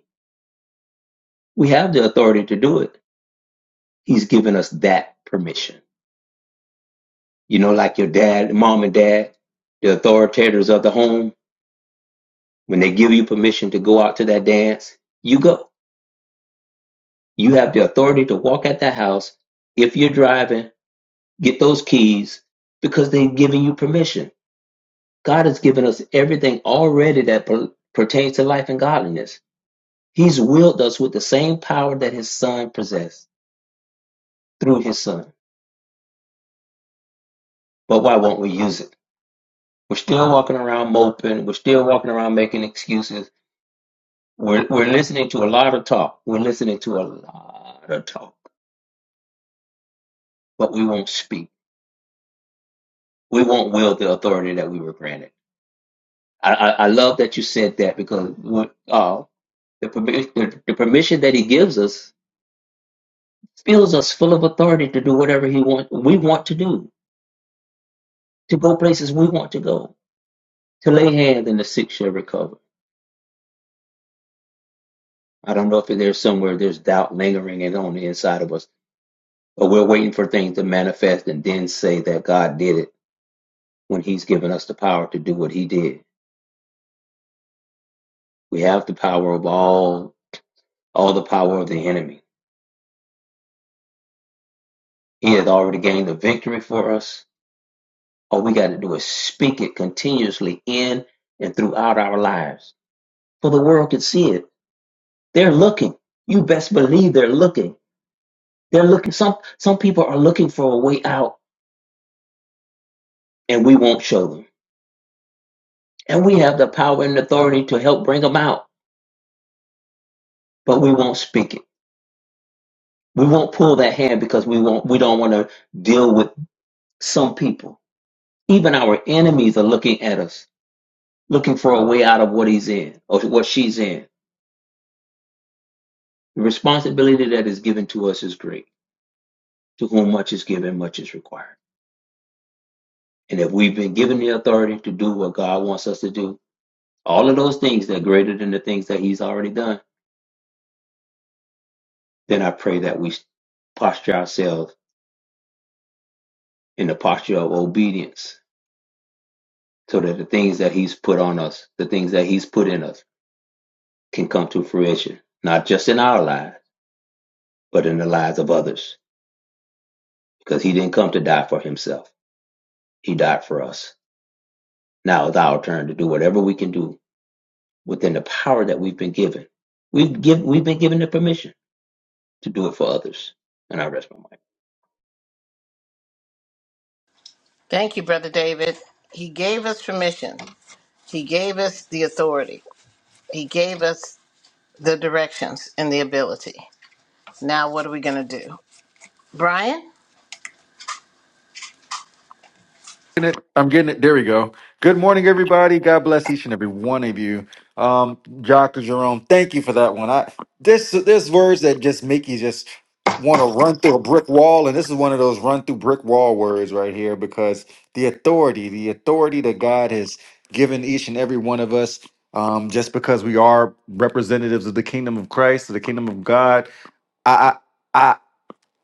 We have the authority to do it. He's given us that permission. You know, like your dad, mom, and dad, the authoritators of the home, when they give you permission to go out to that dance, you go. You have the authority to walk at that house. If you're driving, get those keys because they've given you permission God has given us everything already that per- pertains to life and godliness. He's willed us with the same power that his son possessed through his son. But why won't we use it? We're still walking around moping. We're still walking around making excuses. We're, we're listening to a lot of talk. We're listening to a lot of talk, but we won't speak. We won't wield the authority that we were granted. I, I, I love that you said that because what, uh, the, permi- the, the permission that he gives us fills us full of authority to do whatever he want we want to do, to go places we want to go, to lay hands and the sick shall recover. I don't know if there's somewhere there's doubt lingering and on the inside of us, but we're waiting for things to manifest and then say that God did it when He's given us the power to do what He did. We have the power of all all the power of the enemy. He has already gained the victory for us. All we got to do is speak it continuously in and throughout our lives. For the world can see it They're looking. You best believe they're looking. They're looking. Some some people are looking for a way out, and we won't show them. And we have the power and authority to help bring them out, but we won't speak it. We won't pull that hand because we won't. We don't want to deal with some people. Even our enemies are looking at us, looking for a way out of what he's in or what she's in. The responsibility that is given to us is great. To whom much is given, much is required. And if we've been given the authority to do what God wants us to do, All of those things that are greater than the things that he's already done. Then I pray that we posture ourselves in the posture of obedience so that the things that he's put on us, the things that he's put in us, can come to fruition, not just in our lives, but in the lives of others. Because he didn't come to die for himself, he died for us. Now it's our turn to do whatever we can do within the power that we've been given. We've, give, we've been given the permission to do it for others. And I rest my mind. Thank you, Brother David. He gave us permission, He gave us the authority, He gave us the directions and the ability. Now, what are we going to do? Brian? getting it. I'm getting it. There we go. Good morning, everybody. God bless each and every one of you. Um, Dr. Jerome, thank you for that one. I this there's words that just make you just want to run through a brick wall, and this is one of those run through brick wall words right here because the authority, the authority that God has given each and every one of us. Um, just because we are representatives of the kingdom of Christ, of the kingdom of God, I, I, I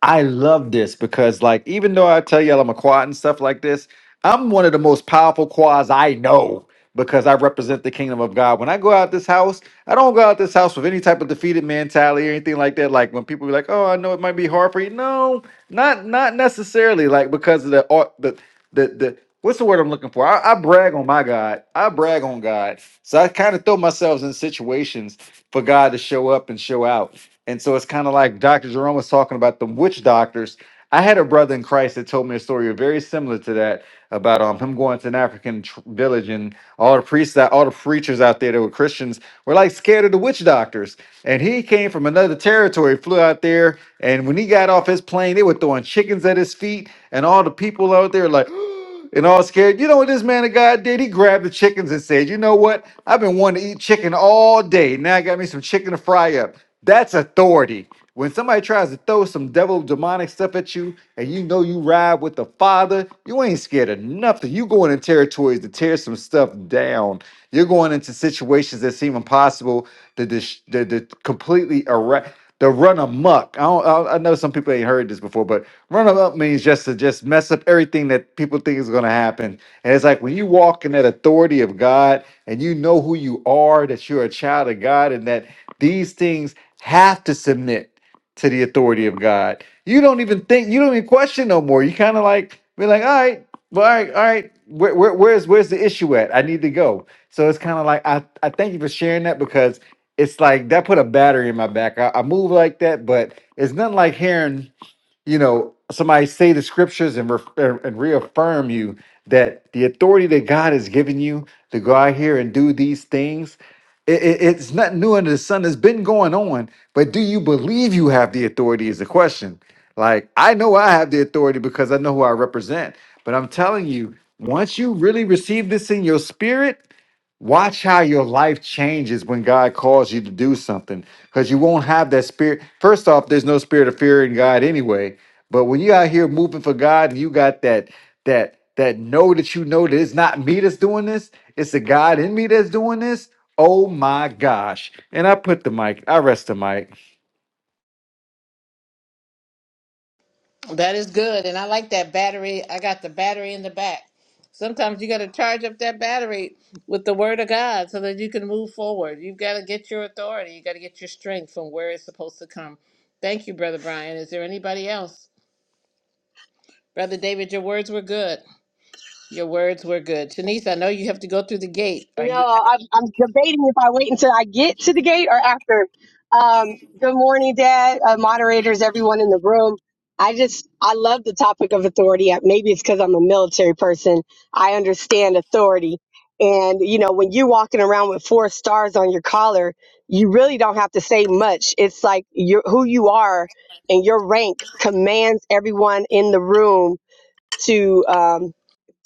I love this because, like, even though I tell y'all I'm a quad and stuff like this, I'm one of the most powerful quads I know because I represent the kingdom of God. When I go out this house, I don't go out this house with any type of defeated mentality or anything like that. Like when people be like, "Oh, I know it might be hard for you," no, not not necessarily. Like because of the au- the the the what's the word I'm looking for? I, I brag on my God. I brag on God. So I kind of throw myself in situations for God to show up and show out. And so it's kind of like Dr. Jerome was talking about the witch doctors. I had a brother in Christ that told me a story very similar to that about um, him going to an African tr- village and all the priests, that all the preachers out there that were Christians were like scared of the witch doctors and he came from another territory, flew out there, and when he got off his plane, they were throwing chickens at his feet, and all the people out there like, and all scared. You know what this man of God did? He grabbed the chickens and said, "You know what? I've been wanting to eat chicken all day. Now I got me some chicken to fry up." That's authority. When somebody tries to throw some devil demonic stuff at you and you know you ride with the Father, you ain't scared of nothing. You going in territories to tear some stuff down. You're going into situations that seem impossible to, dis- to, to completely erect, to run amok. I, don't, I, I know some people ain't heard this before, but run amok means just to just mess up everything that people think is going to happen. And it's like when you walk in that authority of God and you know who you are, that you're a child of God, and that these things have to submit to the authority of God. You don't even think, you don't even question no more. You kind of like be like, all right, well, all right, all right. Where, where, where's where's the issue at? I need to go. So it's kind of like I, I thank you for sharing that because it's like that put a battery in my back. I, I move like that, but it's nothing like hearing you know somebody say the scriptures and, ref- and reaffirm you that the authority that god has given you to go out here and do these things it, it- it's not new under the sun it's been going on but do you believe you have the authority is the question like i know i have the authority because i know who i represent but i'm telling you once you really receive this in your spirit Watch how your life changes when God calls you to do something because you won't have that spirit. First off, there's no spirit of fear in God anyway. But when you out here moving for God and you got that that that know that you know that it's not me that's doing this, it's the God in me that's doing this. Oh my gosh. And I put the mic, I rest the mic. That is good. And I like that battery. I got the battery in the back. Sometimes you got to charge up that battery with the word of God so that you can move forward. You've got to get your authority. You got to get your strength from where it's supposed to come. Thank you, Brother Brian. Is there anybody else? Brother David, your words were good. Your words were good. Shanice, I know you have to go through the gate. Are No, you I'm, I'm debating if I wait until I get to the gate or after. Um, good morning, Dad, uh, moderators, everyone in the room. I just, I love the topic of authority. Uh, Maybe it's because I'm a military person. I understand authority. And, you know, when you're walking around with four stars on your collar, you really don't have to say much. It's like you who you are and your rank commands everyone in the room to um,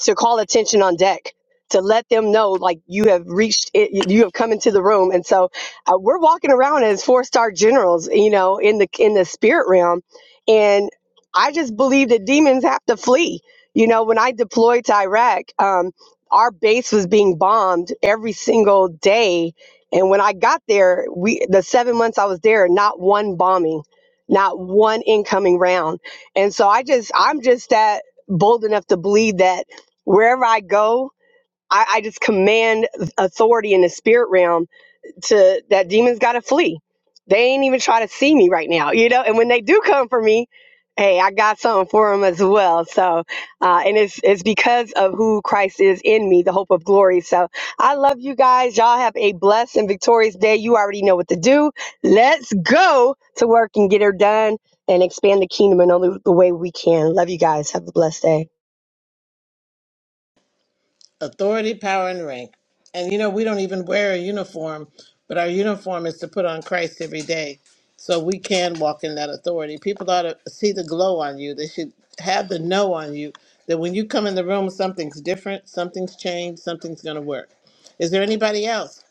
to call attention on deck to let them know like you have reached it, you have come into the room and so uh, we're walking around as four star generals you know in the in the spirit realm and i just believe that demons have to flee you know when i deployed to iraq um, our base was being bombed every single day and when i got there we the seven months i was there not one bombing not one incoming round and so i just i'm just that bold enough to believe that wherever I go, I, I just command authority in the spirit realm to that demons gotta flee. They ain't even try to see me right now, you know. And when they do come for me, hey, I got something for them as well. So, uh, and it's it's because of who Christ is in me, the hope of glory. So, I love you guys. Y'all have a blessed and victorious day. You already know what to do. Let's go to work and get her done and expand the kingdom in all the the way we can. Love you guys. Have a blessed day. authority, power, and rank. And you know, we don't even wear a uniform, but our uniform is to put on Christ every day. So we can walk in that authority. People ought to see the glow on you. They should have the know on you that when you come in the room, something's different, something's changed, something's going to work. Is there anybody else?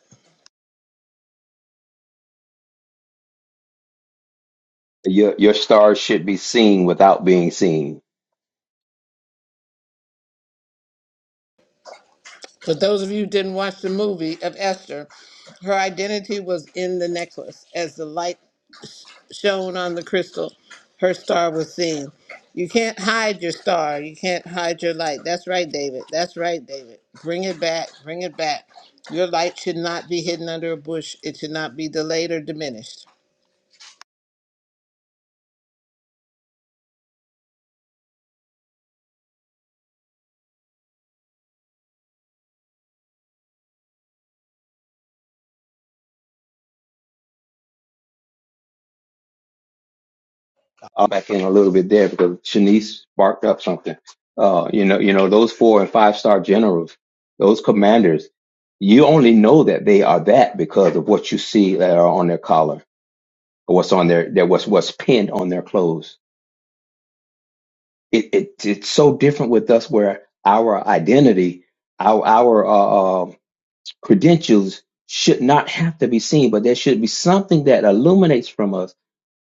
Your, your stars should be seen without being seen For those of you who didn't watch the movie of Esther, her identity was in the necklace as the light Shone on the crystal, her star was seen. You can't hide your star. You can't hide your light. That's right, David. That's right, David. Bring it back. Bring it back. Your light should not be hidden under a bush. It should not be delayed or diminished. I'll back in a little bit there because Shanice sparked up something. Uh, you know, you know, those four and five star generals, those commanders, you only know that they are that because of what you see that are on their collar or what's on their, their what's what's pinned on their clothes. It, it it's so different with us where our identity, our our uh, uh, credentials should not have to be seen, but there should be something that illuminates from us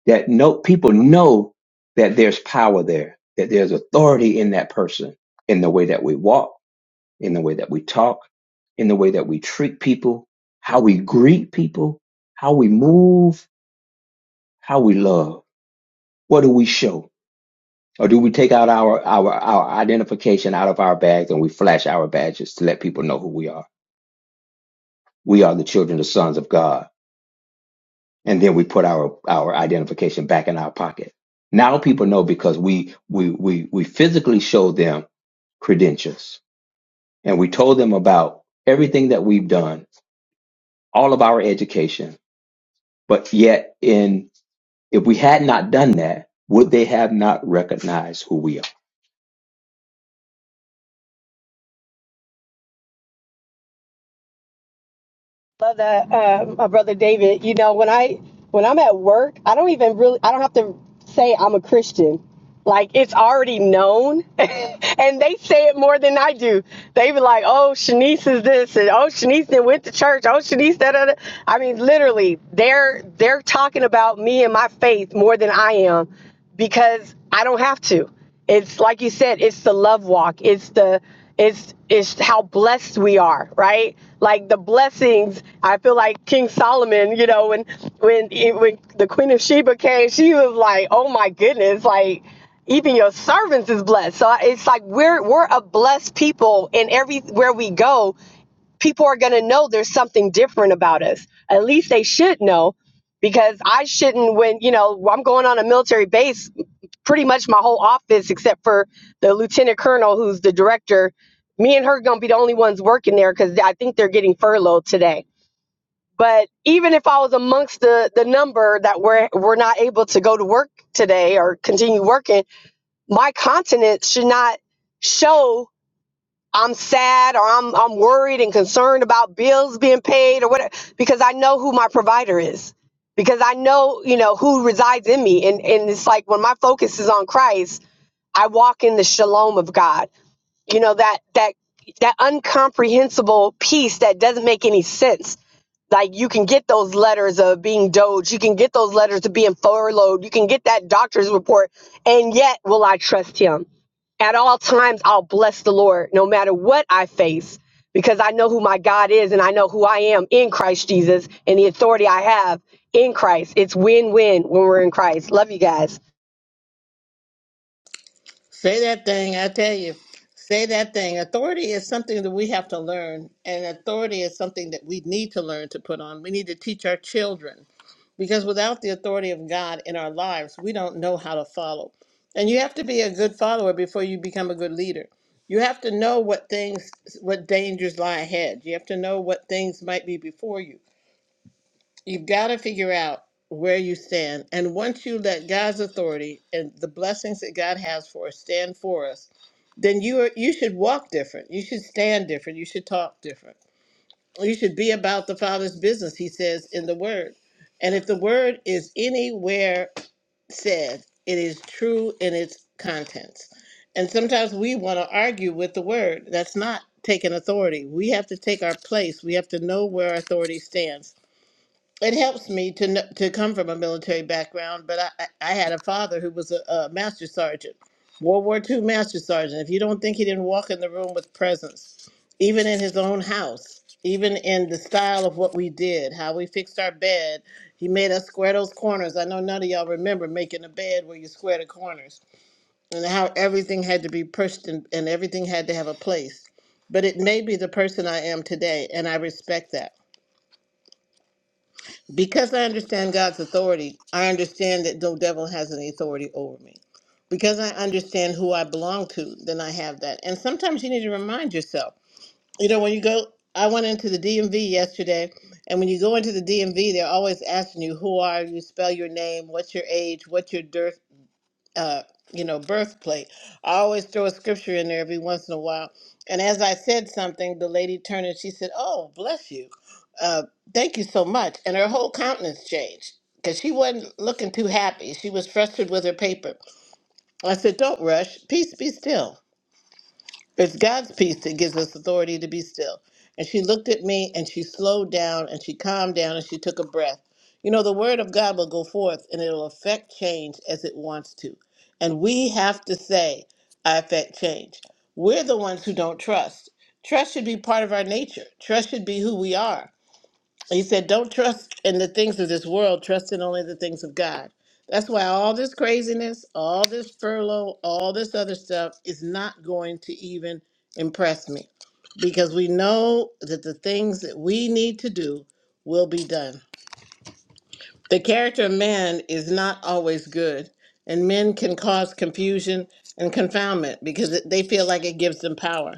that no people know that there's power there, that there's authority in that person, in the way that we walk, in the way that we talk, in the way that we treat people, how we greet people, how we move, how we love. What do we show? Or do we take out our, our, our identification out of our bags and we flash our badges to let people know who we are? We are the children, the sons of God and then we put our our identification back in our pocket. Now people know because we we we we physically showed them credentials and we told them about everything that we've done, all of our education. But yet, in if we had not done that, would they have not recognized who we are? love that, um, my brother David. You know, when I when I'm at work, I don't even really I don't have to say I'm a Christian. Like it's already known, and they say it more than I do. They be like, "Oh, Shanice is this," and "Oh, Shanice then went to church." "Oh, Shanice da da da." I mean, literally, they're they're talking about me and my faith more than I am because I don't have to. It's like you said, it's the love walk. It's the it's it's how blessed we are, right? Like the blessings. I feel like King Solomon, you know, when when e, when the Queen of Sheba came, she was like, "Oh my goodness!" Like even your servants is blessed. So it's like we're we're a blessed people in everywhere we go people are going to know there's something different about us. At least they should know because I shouldn't, when, you know, I'm going on a military base, pretty much my whole office, except for the lieutenant colonel who's the director, me and her are going to be the only ones working there because I think they're getting furloughed today. But even if I was amongst the, the number that we're, we're not able to go to work today or continue working, my continent should not show I'm sad or I'm I'm worried and concerned about bills being paid or whatever because I know who my provider is. Because I know, you know, who resides in me. And and it's like when my focus is on Christ, I walk in the shalom of God. You know, that that that uncomprehensible peace that doesn't make any sense. Like you can get those letters of being doge, you can get those letters of being furloughed, you can get that doctor's report, and yet will I trust him? At all times, I'll bless the Lord no matter what I face because I know who my God is and I know who I am in Christ Jesus and the authority I have in Christ. It's win win when we're in Christ. Love you guys. Say that thing, I tell you. Say that thing. Authority is something that we have to learn, and authority is something that we need to learn to put on. We need to teach our children because without the authority of God in our lives, we don't know how to follow. And you have to be a good follower before you become a good leader. You have to know what things, what dangers lie ahead. You have to know what things might be before you. You've got to figure out where you stand. And once you let God's authority and the blessings that God has for us stand for us, then you are, you should walk different. You should stand different. You should talk different you should be about the father's business he says in the word and if the word is anywhere said it is true in its contents and sometimes we want to argue with the word that's not taking authority we have to take our place we have to know where our authority stands it helps me to kn- to come from a military background, but I, I I had a father who was a, a master sergeant, World War II master sergeant. If you don't think he didn't walk in the room with presence, even in his own house, even in the style of what we did, how we fixed our bed, he made us square those corners. I know none of y'all remember making a bed where you square the corners and how everything had to be pushed and, and everything had to have a place. But it made me the person I am today, and I respect that. Because I understand God's authority, I understand that no devil has any authority over me. Because I understand who I belong to, then I have that. And sometimes you need to remind yourself. You know, when you go, I went into the DMV yesterday, and when you go into the DMV, they're always asking you, who are you, spell your name, what's your age, what's your dir- uh, you know, birthplate. I always throw a scripture in there every once in a while. And as I said something, the lady turned and she said, "Oh, bless you, uh, thank you so much." And her whole countenance changed because she wasn't looking too happy. She was frustrated with her paper. I said, "Don't rush. Peace, be still." It's God's peace that gives us authority to be still. And she looked at me and she slowed down and she calmed down and she took a breath. You know, the word of God will go forth and it'll affect change as it wants to. And we have to say, I affect change. We're the ones who don't trust. Trust should be part of our nature, trust should be who we are. He said, Don't trust in the things of this world, trust in only the things of God. That's why all this craziness, all this furlough, all this other stuff is not going to even impress me because we know that the things that we need to do will be done. The character of man is not always good, and men can cause confusion and confoundment because it- they feel like it gives them power.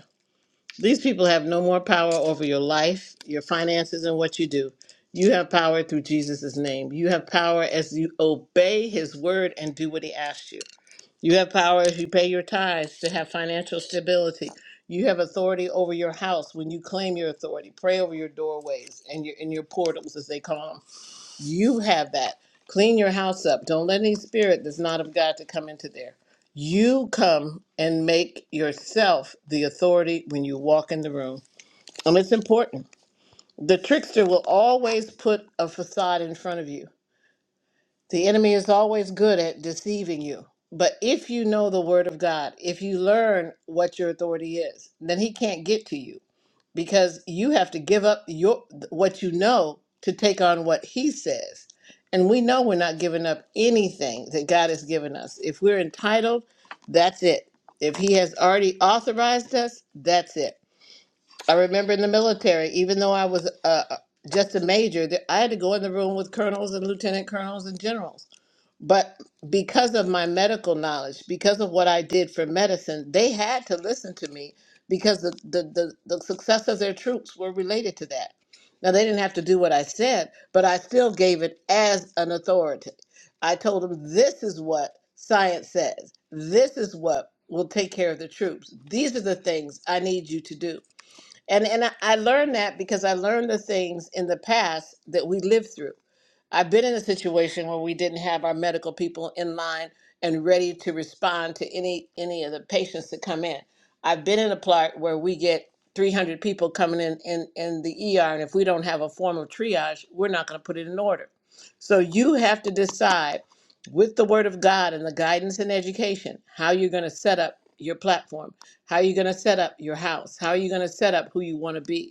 These people have no more power over your life, your finances, and what you do. You have power through Jesus' name. You have power as you obey his word and do what he asks you. You have power as you pay your tithes to have financial stability. You have authority over your house when you claim your authority. Pray over your doorways and your and your portals, as they call them. You have that. Clean your house up. Don't let any spirit that's not of God to come into there. You come and make yourself the authority when you walk in the room. And it's important. The trickster will always put a facade in front of you. The enemy is always good at deceiving you. But if you know the word of God, if you learn what your authority is, then he can't get to you because you have to give up your what you know to take on what he says and we know we're not giving up anything that god has given us if we're entitled that's it if he has already authorized us that's it i remember in the military even though i was uh, just a major that i had to go in the room with colonels and lieutenant colonels and generals but because of my medical knowledge, because of what I did for medicine, they had to listen to me because the, the, the, the success of their troops were related to that. Now, they didn't have to do what I said, but I still gave it as an authority. I told them, this is what science says, this is what will take care of the troops. These are the things I need you to do. And, and I, I learned that because I learned the things in the past that we lived through. I've been in a situation where we didn't have our medical people in line and ready to respond to any any of the patients that come in. I've been in a plot where we get 300 people coming in in, in the ER, and if we don't have a form of triage, we're not going to put it in order. So you have to decide with the Word of God and the guidance and education how you're going to set up your platform, how you're going to set up your house, how you're going to set up who you want to be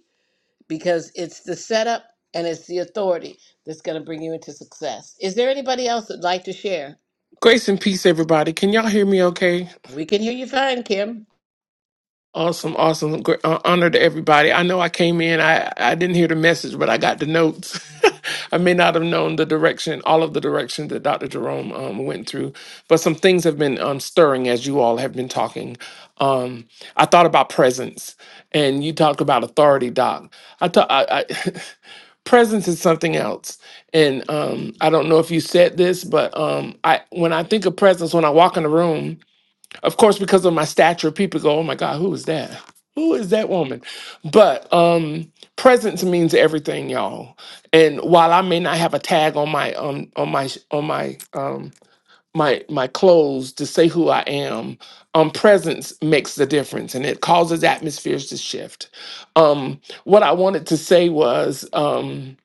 because it's the setup and it's the authority that's going to bring you into success. Is there anybody else that'd like to share? Grace and peace, everybody. Can y'all hear me okay? We can hear you fine, Kim. Awesome, awesome. Gr- uh, honor to everybody. I know I came in, I, I didn't hear the message, but I got the notes. I may not have known the direction, all of the directions that Dr. Jerome um, went through, but some things have been um, stirring as you all have been talking. Um, I thought about presence, and you talked about authority, Doc. I thought I, I presence is something else and um, i don't know if you said this but um, I when i think of presence when i walk in a room of course, because of my stature, people go, "Oh my God, who is that? Who is that woman?" But um, presence means everything, y'all. And while I may not have a tag on my um on my on my um my my clothes to say who I am, um, presence makes the difference, and it causes atmospheres to shift. Um, what I wanted to say was, um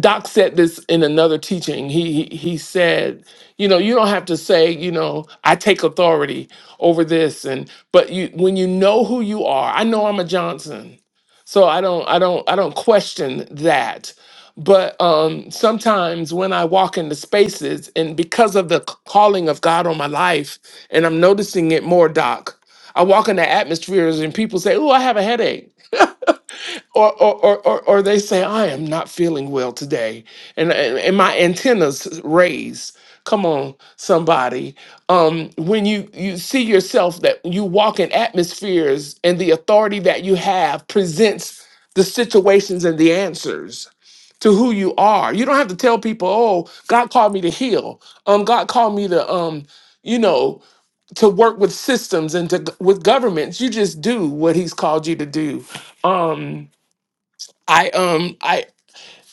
Doc said this in another teaching. He, he he said, you know, you don't have to say, you know, I take authority over this, and but you when you know who you are. I know I'm a Johnson, so I don't I don't I don't question that. But um, sometimes when I walk into spaces, and because of the c- calling of God on my life, and I'm noticing it more, Doc, I walk into atmospheres and people say, "Oh, I have a headache." or or, or or or they say I am not feeling well today, and and, and my antennas raise. Come on, somebody. Um, when you you see yourself that you walk in atmospheres and the authority that you have presents the situations and the answers to who you are. You don't have to tell people, "Oh, God called me to heal." Um, God called me to um, you know, to work with systems and to with governments. You just do what He's called you to do. Um, I um I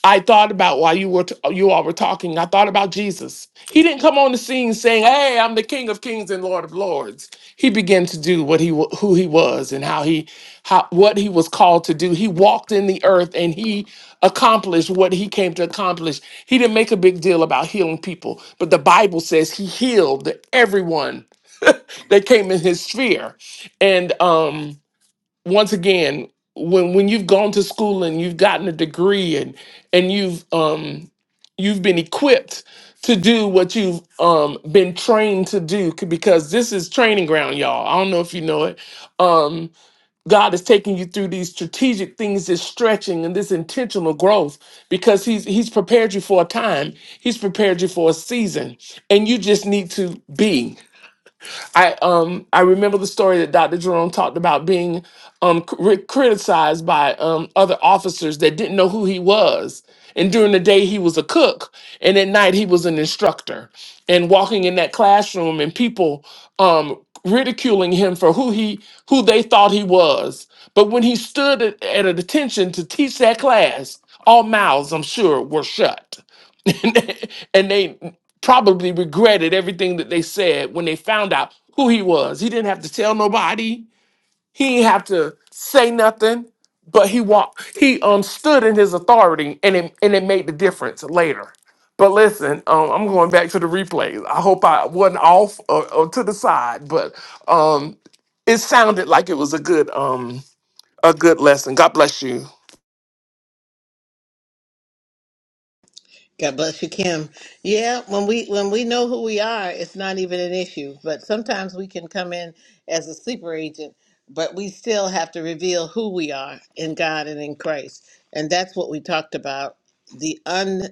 I thought about while you were t- you all were talking. I thought about Jesus. He didn't come on the scene saying, "Hey, I'm the King of Kings and Lord of Lords." He began to do what he wa- who he was and how he how what he was called to do. He walked in the earth and he accomplished what he came to accomplish. He didn't make a big deal about healing people, but the Bible says he healed everyone that came in his sphere. And um once again when when you've gone to school and you've gotten a degree and and you've um you've been equipped to do what you've um been trained to do c- because this is training ground y'all i don't know if you know it um god is taking you through these strategic things this stretching and this intentional growth because he's he's prepared you for a time he's prepared you for a season and you just need to be I um I remember the story that Dr. Jerome talked about being um cri- criticized by um other officers that didn't know who he was. And during the day he was a cook, and at night he was an instructor. And walking in that classroom and people um ridiculing him for who he who they thought he was. But when he stood at, at attention to teach that class, all mouths, I'm sure, were shut. and they and they probably regretted everything that they said when they found out who he was. He didn't have to tell nobody. He didn't have to say nothing. But he walked. He um stood in his authority, and it and it made the difference later. But listen, um, I'm going back to the replays. I hope I wasn't off or, or to the side, but um, it sounded like it was a good um a good lesson. God bless you. God bless you, Kim. Yeah, when we when we know who we are, it's not even an issue. But sometimes we can come in as a sleeper agent, but we still have to reveal who we are in God and in Christ. And that's what we talked about. The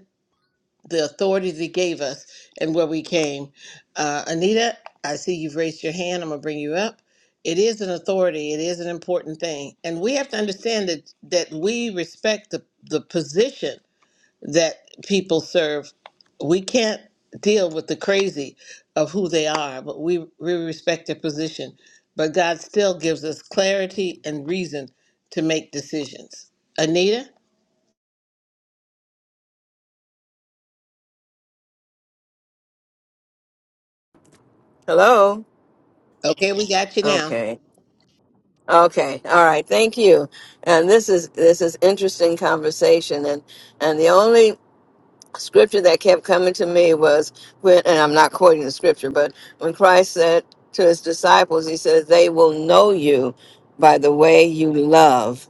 the authorities he gave us and where we came. Uh, Anita, I see you've raised your hand. I'm gonna bring you up. It is an authority. It is an important thing, and we have to understand that that we respect the the position that people serve. We can't deal with the crazy of who they are, but we we respect their position. But God still gives us clarity and reason to make decisions. Anita, Hello. okay, we got you now. Okay. Okay. All right. Thank you. And this is this is interesting conversation. And and the only scripture that kept coming to me was when, and I'm not quoting the scripture, but when Christ said to his disciples, he says, "They will know you by the way you love."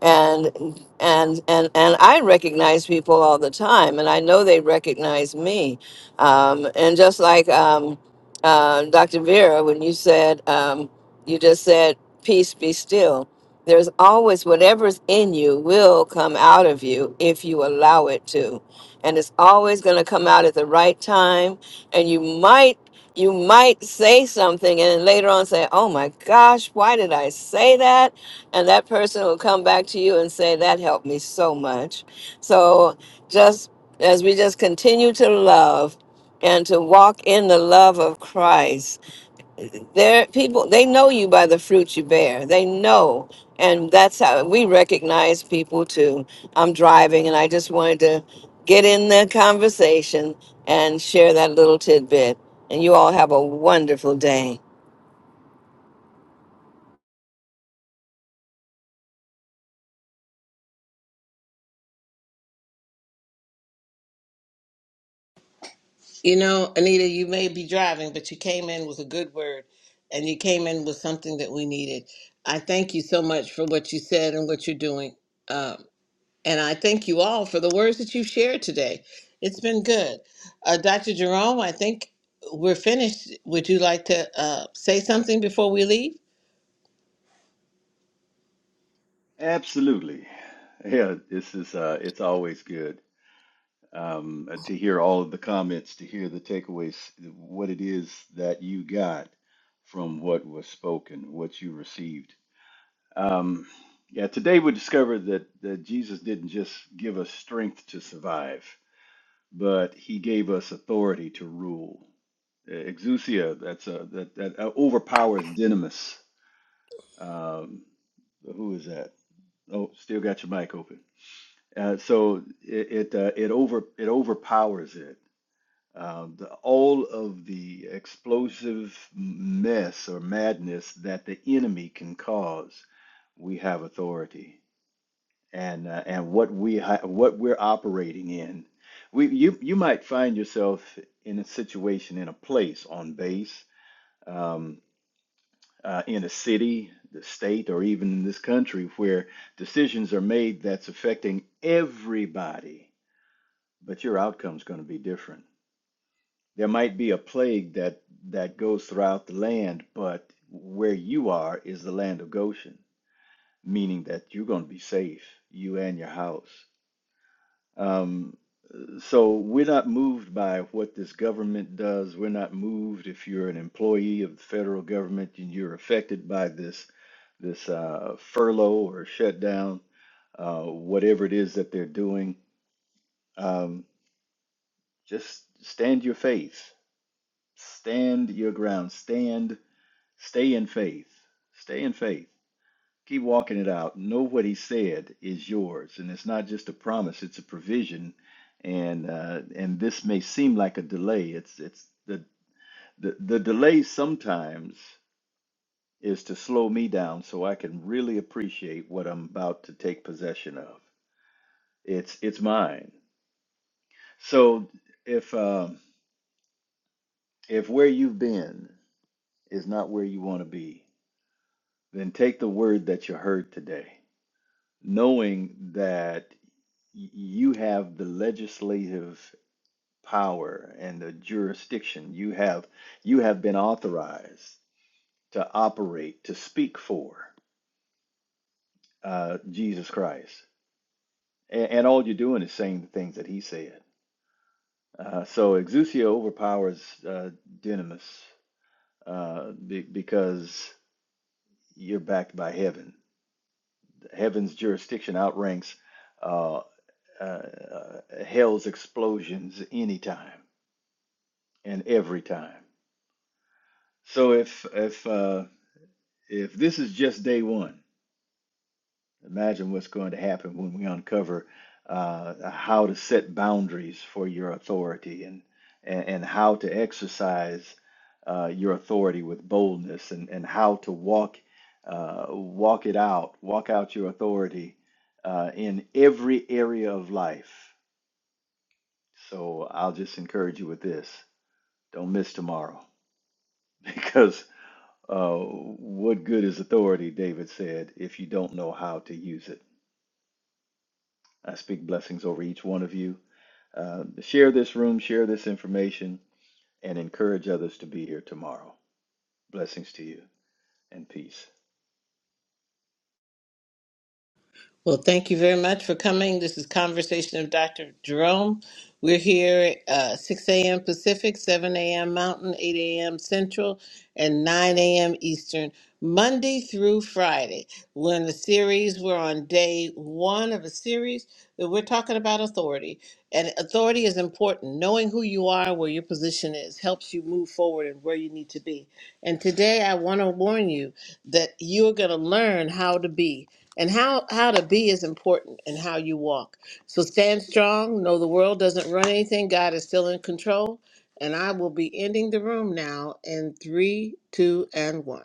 and and and and I recognize people all the time, and I know they recognize me. Um, and just like um, uh, Dr. Vera, when you said um, you just said peace be still, there's always whatever's in you will come out of you if you allow it to, and it's always going to come out at the right time. And you might you might say something and then later on say, "Oh my gosh, why did I say that?" and that person will come back to you and say that helped me so much so just as we just continue to love and to walk in the love of christ there people they know you by the fruit you bear they know and that's how we recognize people too i'm driving and i just wanted to get in the conversation and share that little tidbit and you all have a wonderful day You know, Anita, you may be driving, but you came in with a good word and you came in with something that we needed. I thank you so much for what you said and what you're doing. Um, and I thank you all for the words that you've shared today. It's been good. Uh, Dr. Jerome, I think we're finished. Would you like to uh, say something before we leave? Well, thank you very much for coming. This is Conversation of Dr. Jerome. We're here uh, 6 a.m. Pacific, 7 a.m. Mountain, 8 a.m. Central, and 9 a.m. Eastern, Monday through Friday. We're in the series. We're on day one of a series that we're talking about authority. And authority is important. Knowing who you are, where your position is, helps you move forward and where you need to be. And today I want to warn you that you're going to learn how to be. And how, how to be is important and how you walk. So stand strong. Know the world doesn't run anything. God is still in control. And I will be ending the room now in three, two, and one.